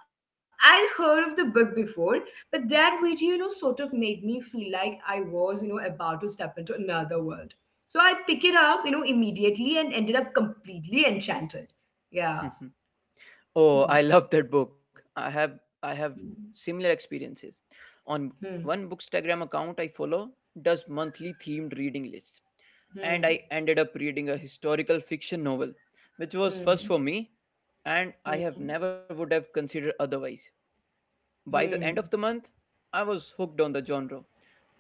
A: No, I'd heard of the book before, but that video, you know, sort of made me feel like I was, you know, about to step into another world so I pick it up, you know, immediately and ended up completely enchanted. Yeah.
B: Oh, I
A: Hmm.
B: love that book. I have similar experiences. On
A: Hmm.
B: one Bookstagram account I follow does monthly themed reading lists,
A: Hmm.
B: and
A: Hmm.
B: I ended up reading a historical fiction novel, which was first for me, and I
A: Hmm.
B: have
A: Hmm.
B: never would have considered otherwise. By the
A: Hmm.
B: end of the month, I was hooked on the genre.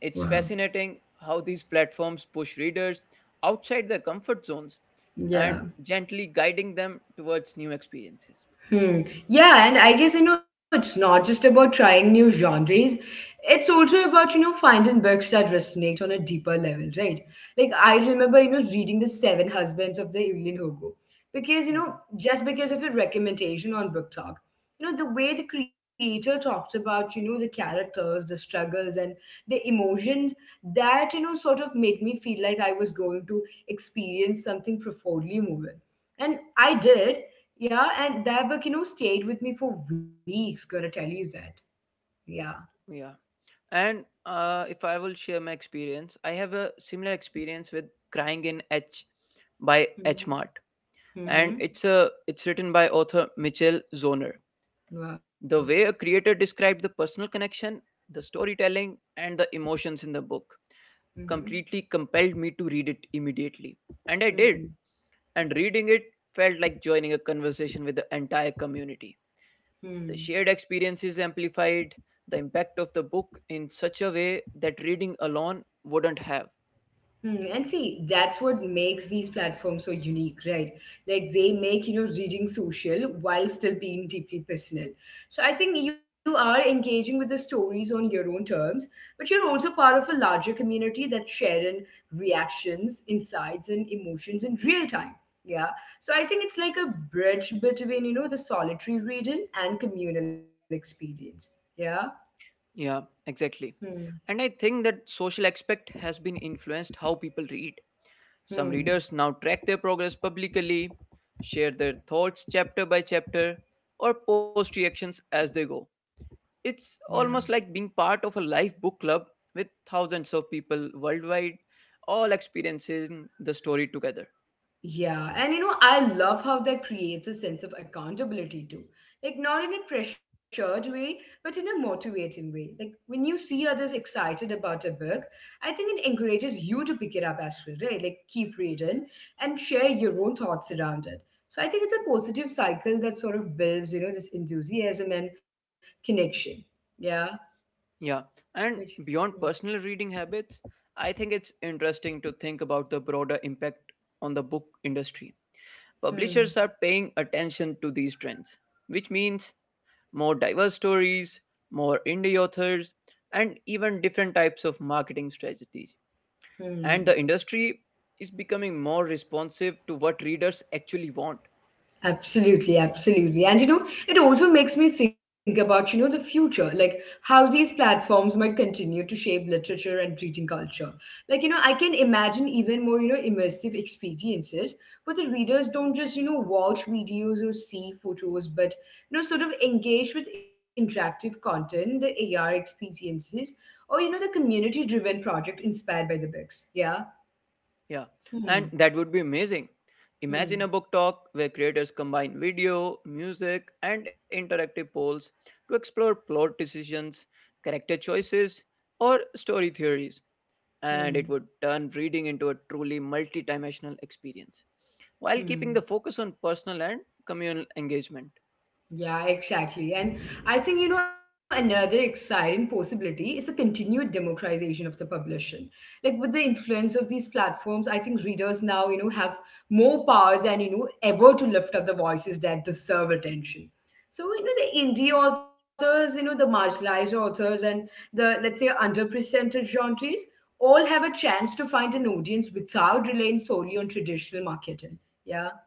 B: It's
A: Wow.
B: fascinating how these platforms push readers outside their comfort zones
A: Yeah.
B: and gently guiding them towards new experiences.
A: Hmm. Yeah, and I guess you know it's not just about trying new genres. It's also about you know finding books that resonate on a deeper level, right? Like I remember you know reading the Seven Husbands of the Evelyn Hugo because you know
B: Mhm.
A: just because of a recommendation on Book Talk, you know the way the creator talked about you know the characters, the struggles, and the emotions that you know sort of made me feel like I was going to experience something profoundly moving and I did yeah, and that book, you know, stayed with me for weeks, gotta tell you that. Yeah.
B: Yeah. And if I will share my experience, I have a similar experience with Crying in H by H Mart, and
A: Mm-hmm.
B: it's written by author Mitchell Zoner.
A: Wow.
B: The way a creator described the personal connection, the storytelling, and the emotions in the book
A: Mm-hmm.
B: completely compelled me to read it immediately. And I did.
A: hmm
B: And reading it felt like joining a conversation with the entire community. The shared
A: Hmm.
B: experiences amplified the impact of the book in such a way that reading alone wouldn't have.
A: Hmm, and see, that's what makes these platforms so unique, right? Like they make, you know, reading social while still being deeply personal. So I think you are engaging with the stories on your own terms, but you're also part of a larger community that's sharing reactions, insights, and emotions in real time. Yeah. So I think it's like a bridge between, you know, the solitary reading and communal experience. Yeah.
B: Yeah, exactly.
A: Hmm.
B: And I think that social aspect has been influenced how people read. Some
A: Hmm.
B: readers now track their progress publicly, share their thoughts chapter by chapter, or post reactions as they go. It's
A: Yeah.
B: almost like being part of a live book club with thousands of people worldwide, all experiencing the story together.
A: Yeah, and you know, I love how that creates a sense of accountability too. Like, not in a pressured way, but in a motivating way. Like, when you see others excited about a book, I think it encourages you to pick it up as well, right? Like, keep reading and share your own thoughts around it. So, I think it's a positive cycle that sort of builds, you know, this enthusiasm and connection. Yeah.
B: Yeah,
A: Which-
B: and beyond personal reading habits, I think it's interesting to think about the broader impact on the book industry.
A: Hmm.
B: Publishers are paying attention to these trends, which means more diverse stories, more indie authors, and even different types of marketing strategies. And
A: Hmm.
B: the industry is becoming more responsive to what readers actually want.
A: Absolutely, absolutely. And you know, it also makes me think about, you know, the future, like how these platforms might continue to shape literature and reading culture. Like, you know, I can imagine even more, you know, immersive experiences where the readers don't just, you know, watch videos or see photos, but, you know, sort of engage with interactive content, the AR experiences, or, you know, the community driven project inspired by the books. Yeah.
B: Yeah,
A: Hmm.
B: and that would be amazing. Imagine a
A: Hmm.
B: book talk where creators combine video, music, and interactive polls to explore plot decisions, character choices, or story theories, and
A: Hmm.
B: it would turn reading into a truly multidimensional experience while keeping
A: Hmm.
B: the focus on personal and communal engagement.
A: Yeah, exactly. And I think, you know, another exciting possibility is the continued democratization of the publishing. Like with the influence of these platforms, I think readers now, you know, have more power than, you know, ever to lift up the voices that deserve attention. So, you know, the indie authors, you know, the marginalized authors and the, let's say, underrepresented genres all have a chance to find an audience without relying solely on traditional marketing. Yeah.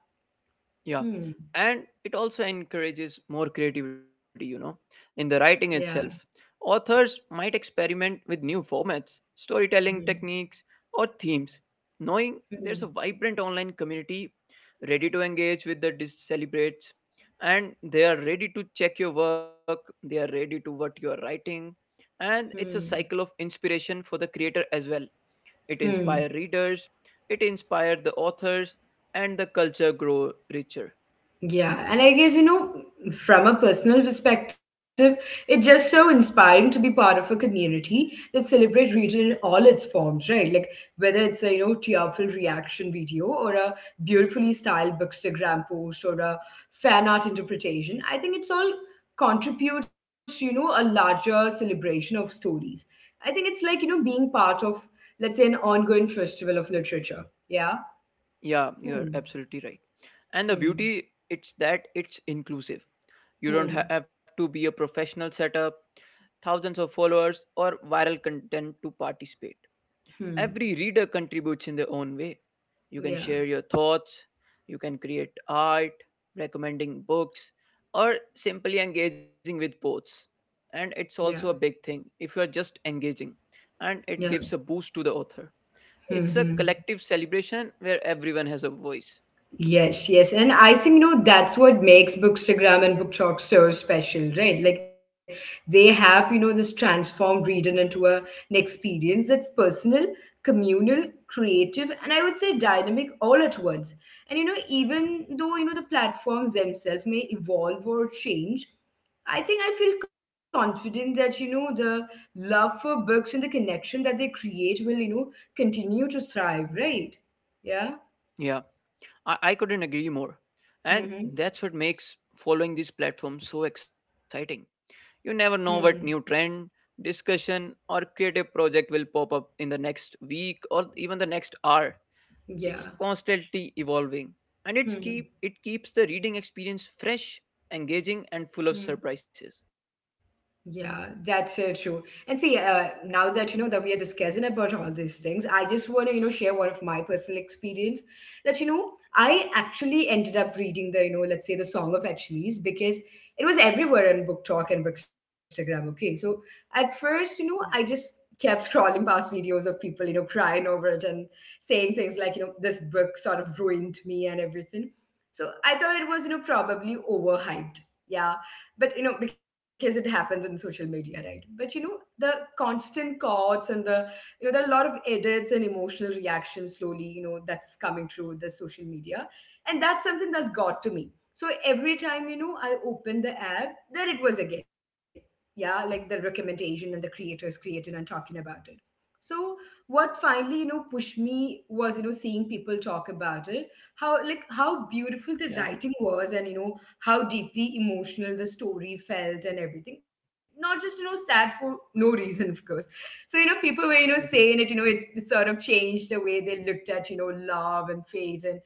B: Yeah.
A: Hmm.
B: And it also encourages more creativity, you know, in the writing
A: Yeah.
B: itself. Authors might experiment with new formats, storytelling
A: Hmm.
B: techniques, or themes. Knowing there's a
A: Hmm.
B: vibrant online community ready to engage with the celebrates, and they are ready to check your work, they are ready to what you are writing. And it's a
A: Hmm.
B: cycle of inspiration for the creator as well. It
A: Hmm.
B: inspires readers, it inspires the authors, and the culture grow richer.
A: Yeah. And I guess, you know, from a personal perspective, it's just so inspiring to be part of a community that celebrate region in all its forms, right? Like whether it's a, you know, tearful reaction video or a beautifully styled bookstagram post or a fan art interpretation. I think it's all contributes to, you know, a larger celebration of stories. I think it's like, you know, being part of, let's say, an ongoing festival of literature. Yeah.
B: Yeah, you're
A: Hmm.
B: absolutely right. And the
A: Hmm.
B: beauty it's that it's inclusive. You don't ha-
A: Hmm.
B: have to be a professional setup, thousands of followers or viral content to participate.
A: Hmm.
B: Every reader contributes in their own way. You can
A: Yeah,
B: share your thoughts, you can create art, recommending books or simply engaging with posts. And it's
A: yeah,
B: also a big thing if you are just engaging, and it
A: yeah.
B: gives a boost to the author. It's a
A: Hmm.
B: collective celebration where everyone has a voice.
A: Yes, yes. And I think, you know, that's what makes Bookstagram and Book Talk so special, right? Like they have, you know, this transformed reading into a, an experience that's personal, communal, creative, and I would say dynamic all at once. And, you know, even though, you know, the platforms themselves may evolve or change, I think I feel confident that, you know, the love for books and the connection that they create will, you know, continue to thrive, right? Yeah.
B: Yeah, I couldn't agree more. And
A: Mm-hmm.
B: that's what makes following these platforms so exciting. You never know what
A: Hmm.
B: new trend, discussion, or creative project will pop up in the next week or even the next hour. It's
A: Yeah.
B: constantly evolving. And it's
A: Hmm.
B: keep it keeps the reading experience fresh, engaging, and full of
A: Hmm.
B: surprises.
A: Yeah, that's so true. And see, now that you know that we are discussing about all these things, I just want to you know share one of my personal experience that you know I actually ended up reading the you know let's say the Song of Achilles because it was everywhere on Book Talk and Bookstagram. Okay, so at first you know I
B: Yeah.
A: just kept scrolling past videos of people you know crying over it and saying things like you know this book sort of ruined me and everything. So I thought it was you know probably overhyped. Yeah, but you know because it happens in social media right but you know the constant cuts and the you know there are a lot of edits and emotional reactions slowly you know that's coming through the social media and that's something that got to me so every time you know I opened the app there it was again yeah like the recommendation and the creators creating and talking about it so what finally you know pushed me was you know seeing people talk about it how like how beautiful
B: Yeah.
A: the writing was and you know how deeply emotional the story felt and everything. Not just, you know, sad for no reason, of course. So, you know, people were, you
B: Mm-hmm.
A: know, saying it, you know, it sort of changed the way they looked at, you know, love and fate. And,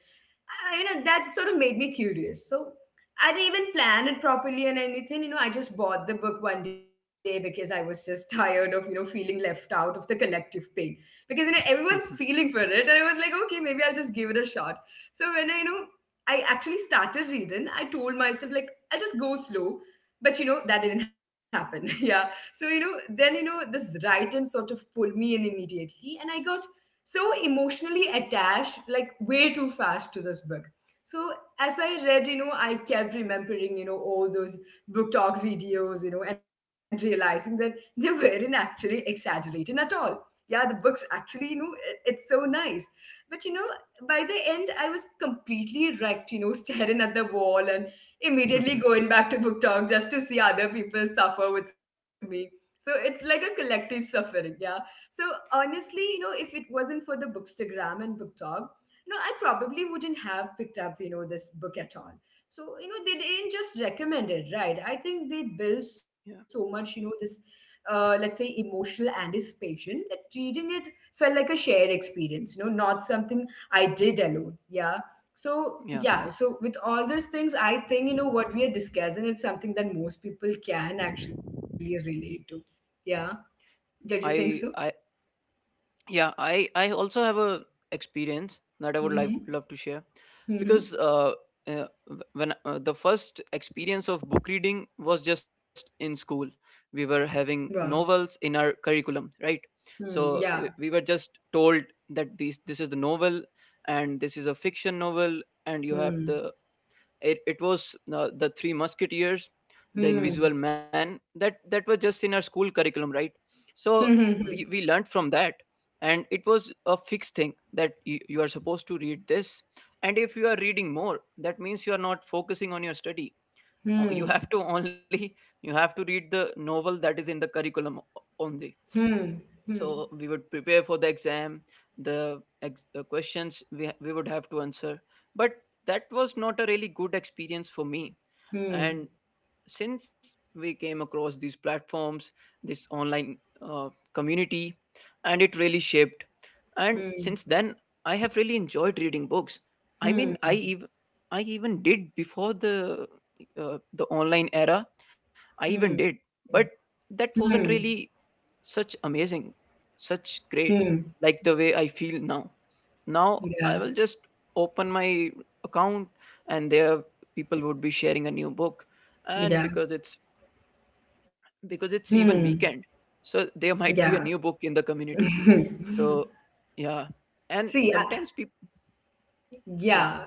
A: I, you know, that sort of made me curious. So I didn't even plan it properly and anything. You know, I just bought the book one day because I was just tired of, you know, feeling left out of the collective pain. Because, you know, everyone's feeling for it. And I was like, okay, maybe I'll just give it a shot. So when I, you know, I actually started reading. I told myself like I'll just go slow, but you know that didn't happen. Yeah. So you know then you know this writing sort of pulled me in immediately, and I got so emotionally attached, like way too fast to this book. So as I read, you know, I kept remembering, you know, all those book talk videos, you know, and realizing that they weren't actually exaggerating at all. Yeah, the books actually, you know, it's so nice. But you know, by the end, I was completely wrecked, you know, staring at the wall and immediately going back to book talk just to see other people suffer with me. So it's like a collective suffering, yeah. So honestly, you know, if it wasn't for the Bookstagram and book talk, you know, I probably wouldn't have picked up, you know, this book at all. So you know, they didn't just recommend it, right? I think they built so
B: Yeah,
A: much, you know, this let's say emotional anticipation that reading it felt like a shared experience, you know, not something I did alone. Yeah. So,
B: yeah.
A: yeah. So, with all these things, I think, you know, what we are discussing is something that most people can actually relate to. Yeah. Did you
B: i
A: think so?
B: i yeah, I also have a experience that I would
A: Mm-hmm.
B: love to share
A: Mm-hmm.
B: because uh wh- when the first experience of book reading was just in school. We were having
A: Wow.
B: novels in our curriculum, right?
A: Hmm.
B: So
A: Yeah.
B: we were just told that this is the novel, and this is a fiction novel, and you have
A: Hmm.
B: the — it was The Three Musketeers, The
A: Hmm.
B: Invisible Man, that was just in our school curriculum, right? So
A: Hmm.
B: we learned from that, and it was a fixed thing that you are supposed to read this, and if you are reading more, that means you are not focusing on your study. You
A: Hmm.
B: have to only — you have to read the novel that is in the curriculum only.
A: Hmm. Hmm.
B: So we would prepare for the exam, the, the questions we, we would have to answer. But that was not a really good experience for me.
A: Hmm. Hmm.
B: And since we came across these platforms, this online uh, community, and it really shaped. And since then, I have really enjoyed reading books. I
A: Hmm.
B: mean,
A: Hmm.
B: I even — I even did before the online era. I even did,
A: Hmm.
B: but
A: Hmm.
B: that
A: Hmm.
B: wasn't really such amazing, such
A: Hmm.
B: great, like the way I feel now. Now
A: Yeah.
B: I will just open my account, and there people would be sharing a new book, and
A: Yeah.
B: because it's — because it's
A: Hmm.
B: even weekend, so there
A: Yeah.
B: might be a new book in the community. So yeah. And
A: See, I,
B: sometimes people, yeah.
A: yeah.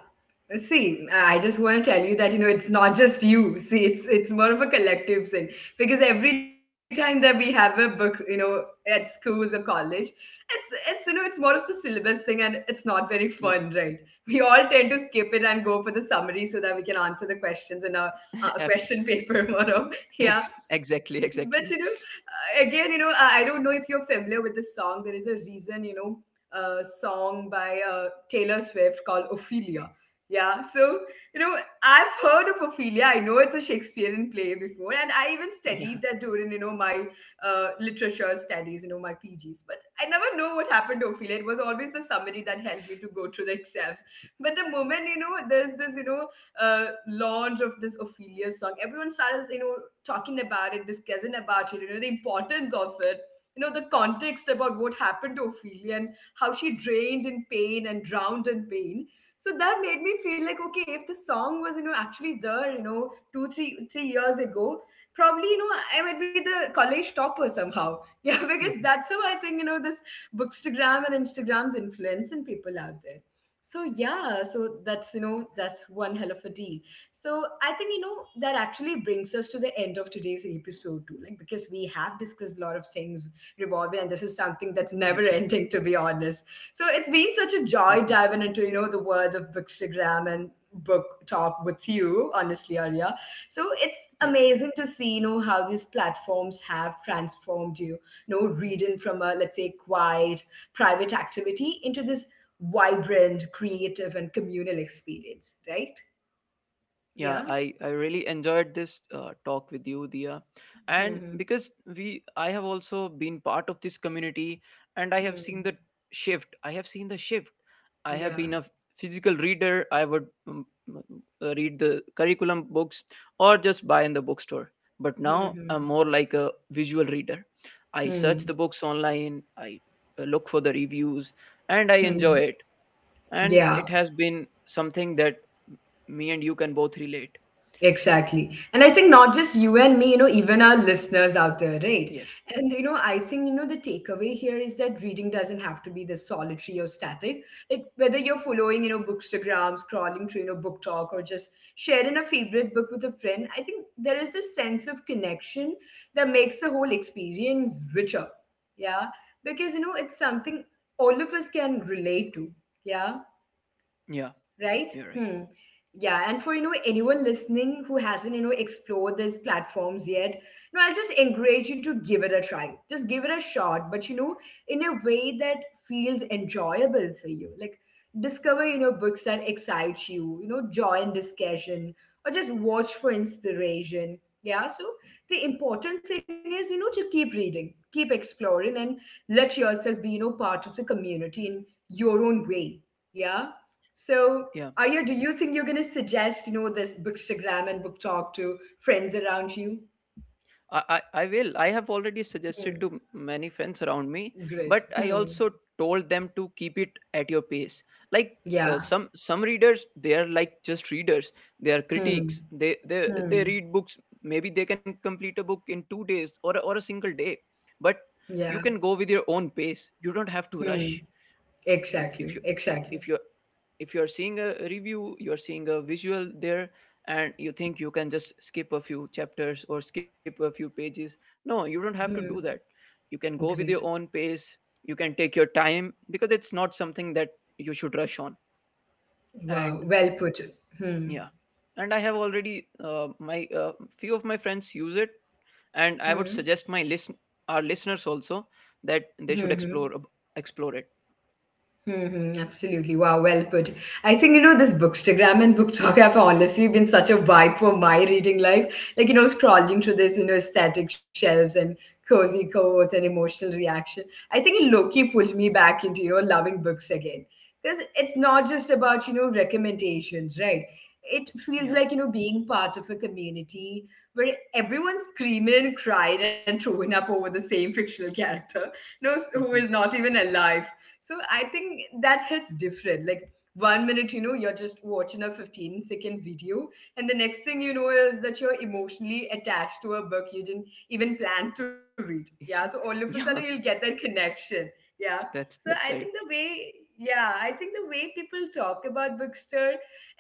A: See, I just want to tell you that you know it's not just you. See, it's more of a collective thing because every time that we have a book, you know, at schools or college, it's you know it's more of the syllabus thing and it's not very fun,
B: Yeah.
A: right? We all tend to skip it and go for the summary so that we can answer the questions in a
B: abs-
A: question paper, more of yeah. But
B: exactly,
A: you know,
B: exactly.
A: again, you know, I don't know if you're familiar with this song. There is a reason, you know song by Taylor Swift called Ophelia. Yeah, so you know, I've heard of Ophelia. I know it's a Shakespearean play before, and I even
B: Yeah.
A: studied that during you know my literature studies, you know my PGs. But I never know what happened to Ophelia. It was always the summary that helped me to go through the exams. But the moment you know there's this you know launch of this Ophelia song, everyone started you know talking about it, discussing about it, you know the importance of it, you know the context about what happened to Ophelia and how she drained in pain and drowned in pain. So that made me feel like, okay, if the song was, you know, actually there, you know, two, three, 3 years ago, probably, you know, I might be the college topper somehow. Yeah, because that's how I think, you know, this Bookstagram and Instagram's influence influencing people out there. So yeah, so that's, you know, that's one hell of a deal. So I think you know that actually brings us to the end of today's episode too, like because we have discussed a lot of things revolving, and this is something that's
B: Yes.
A: never ending to be honest. So it's been such a joy diving into you know the world of bookstagram and book talk with you, honestly, Arya. So it's
B: Yes.
A: amazing to see you know how these platforms have transformed you, you know, reading from a let's say quiet private activity into this vibrant, creative, and communal experience, right?
B: Yeah,
A: Yeah.
B: I really enjoyed this talk with you, Dia. And
A: Mhm,
B: because we, I have also been part of this community, and I
A: hmm,
B: have
A: hmm.
B: seen the shift. I have seen the shift. I have been
A: Yeah,
B: a physical reader. I would read the curriculum books or just buy in the bookstore. But now I'm
A: mhm,
B: more like a visual reader. I
A: hmm, hmm, yeah.
B: search the books online, I look for the reviews, and I
A: Hmm.
B: enjoy it. And
A: Yeah.
B: it has been something that me and you can both relate.
A: Exactly. And I think not just you and me, you know, even our listeners out there, right?
B: Yes.
A: And, you know, I think, you know, the takeaway here is that reading doesn't have to be this solitary or static. Like, whether you're following, you know, bookstagram, scrolling through, you know, book talk, or just sharing a favorite book with a friend, I think there is this sense of connection that makes the whole experience richer. Yeah. Because, you know, it's something all of us can relate to. Yeah,
B: Yeah.
A: right.
B: You're right.
A: Hmm. Yeah, and for you know anyone listening who hasn't you know explored these platforms yet, no I'll just encourage you to give it a try, just give it a shot, but you know in a way that feels enjoyable for you. Like discover you know books that excite you, you know join discussion or just watch for inspiration. Yeah, so the important thing is you know to keep reading, keep exploring, and let yourself be you know part of the community in your own way. Yeah. So,
B: Yeah.
A: Arya, do you think you're going to suggest, you know, this bookstagram and book talk to friends around you?
B: I will. I have already suggested
A: Hmm.
B: to many friends around me,
A: Great.
B: but I
A: Hmm.
B: also told them to keep it at your pace. Like
A: Yeah.
B: some readers, they are like just readers. They are
A: Hmm.
B: critics. They
A: Hmm.
B: read books. Maybe they can complete a book in 2 days or or a single day. But
A: Yeah.
B: you can go with your own pace. You don't have to
A: Hmm.
B: rush. If you
A: Exactly.
B: if
A: Exactly.
B: you if you're seeing a review, you're seeing a visual there, and you think you can just skip a few chapters or skip a few pages, no, you don't have to do that.
A: Hmm.
B: You can go with your
A: Great.
B: own pace, you can take your time, because it's not something that you should rush on.
A: Wow.
B: And
A: Well put. Hmm.
B: yeah, and I have already my few of my friends use it, and I would
A: Hmm.
B: suggest my listen our listeners also that
A: Hmm.
B: they should
A: Hmm.
B: explore it.
A: Mm-hmm, absolutely. Wow, well put. I think, you know, this Bookstagram and Book Talk have honestly been such a vibe for my reading life. Like, you know, scrolling through this, you know, aesthetic shelves and cozy quotes and emotional reaction. I think it low-key pulls me back into, you know, loving books again. Because it's not just about, you know, recommendations, right? It feels like, you know, being part of a community where everyone's screaming, crying, and throwing up over the same fictional character, no, who is
B: Yeah.
A: not even alive, so I think that hits different. Like one minute, you know, you're just watching a 15-second video, and the next thing you know is that you're emotionally attached to a book you didn't even plan to read. Yeah. So all of a sudden, you'll
B: Yeah.
A: get that connection. Yeah. So I
B: That's
A: think
B: right.
A: the way, yeah, I think the way people talk about Bookster,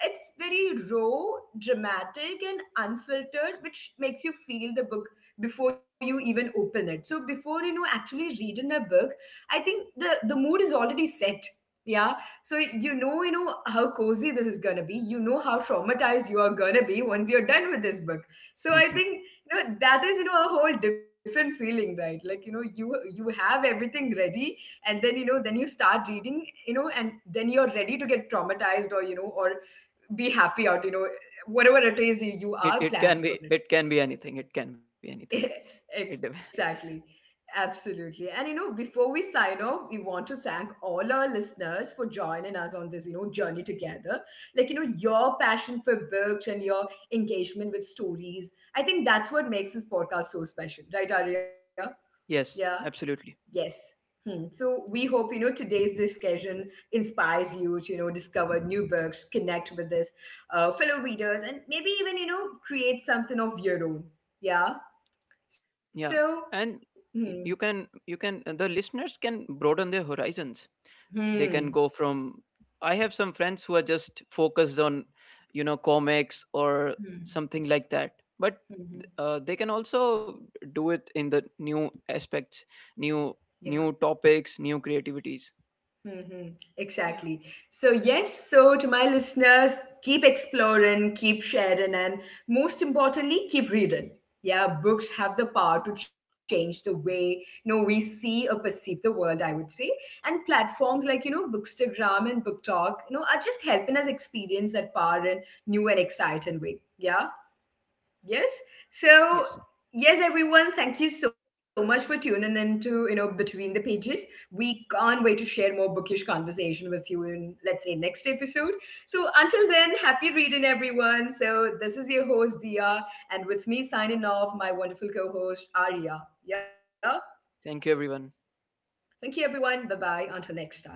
A: it's very raw, dramatic, and unfiltered, which makes you feel the book before you even open it. So before you know actually reading a book, I think the mood is already set. Yeah. So you know how cozy this is gonna be. You know how traumatized you are gonna be once you're done with this book. So I think you know that is you know a whole different feeling, right? Like you know you have everything ready, and then you know then you start reading, you know, and then you're ready to get traumatized or you know or be happy out, you know, whatever it is you
B: it
A: are
B: it can
A: planned for.
B: be, it can be anything. It can be anything. It dep-
A: Exactly. Absolutely. And you know, before we sign off, we want to thank all our listeners for joining us on this, you know, journey together. Like, you know, your passion for books and your engagement with stories. I think that's what makes this podcast so special, right, Arya? Yeah.
B: yes, absolutely.
A: Yes. Hmm. So we hope, you know, today's discussion inspires you to, you know, discover new books, connect with this fellow readers, and maybe even, you know, create something of your own. Yeah. So
B: Yeah, and
A: hmm.
B: you can, you can, and the listeners can broaden their horizons. They can
A: Hmm.
B: go from — I have some friends who are just focused on, you know, comics or
A: Hmm.
B: something like that, but
A: Mhm.
B: they can also do it in the new aspects, new,
A: Yeah.
B: new topics, new creativities.
A: Mhm.
B: Yeah.
A: Exactly. So, yes, so to my listeners, keep exploring, keep sharing, and most importantly, keep reading. Yeah, books have the power to change the way you know we see or perceive the world, I would say. And platforms like you know Bookstagram and BookTok, you know, are just helping us experience that power in new and exciting way. Yeah. Yes. So,
B: Yes.
A: yes, everyone, thank you so much for tuning in to, you know, Between the Pages. We can't wait to share more bookish conversation with you in, let's say, next episode. So, until then, happy reading, everyone. So, this is your host, Dia, and with me signing off, my wonderful co host, Arya. Yeah.
B: Thank you, everyone.
A: Thank you, everyone. Bye bye. Until next time.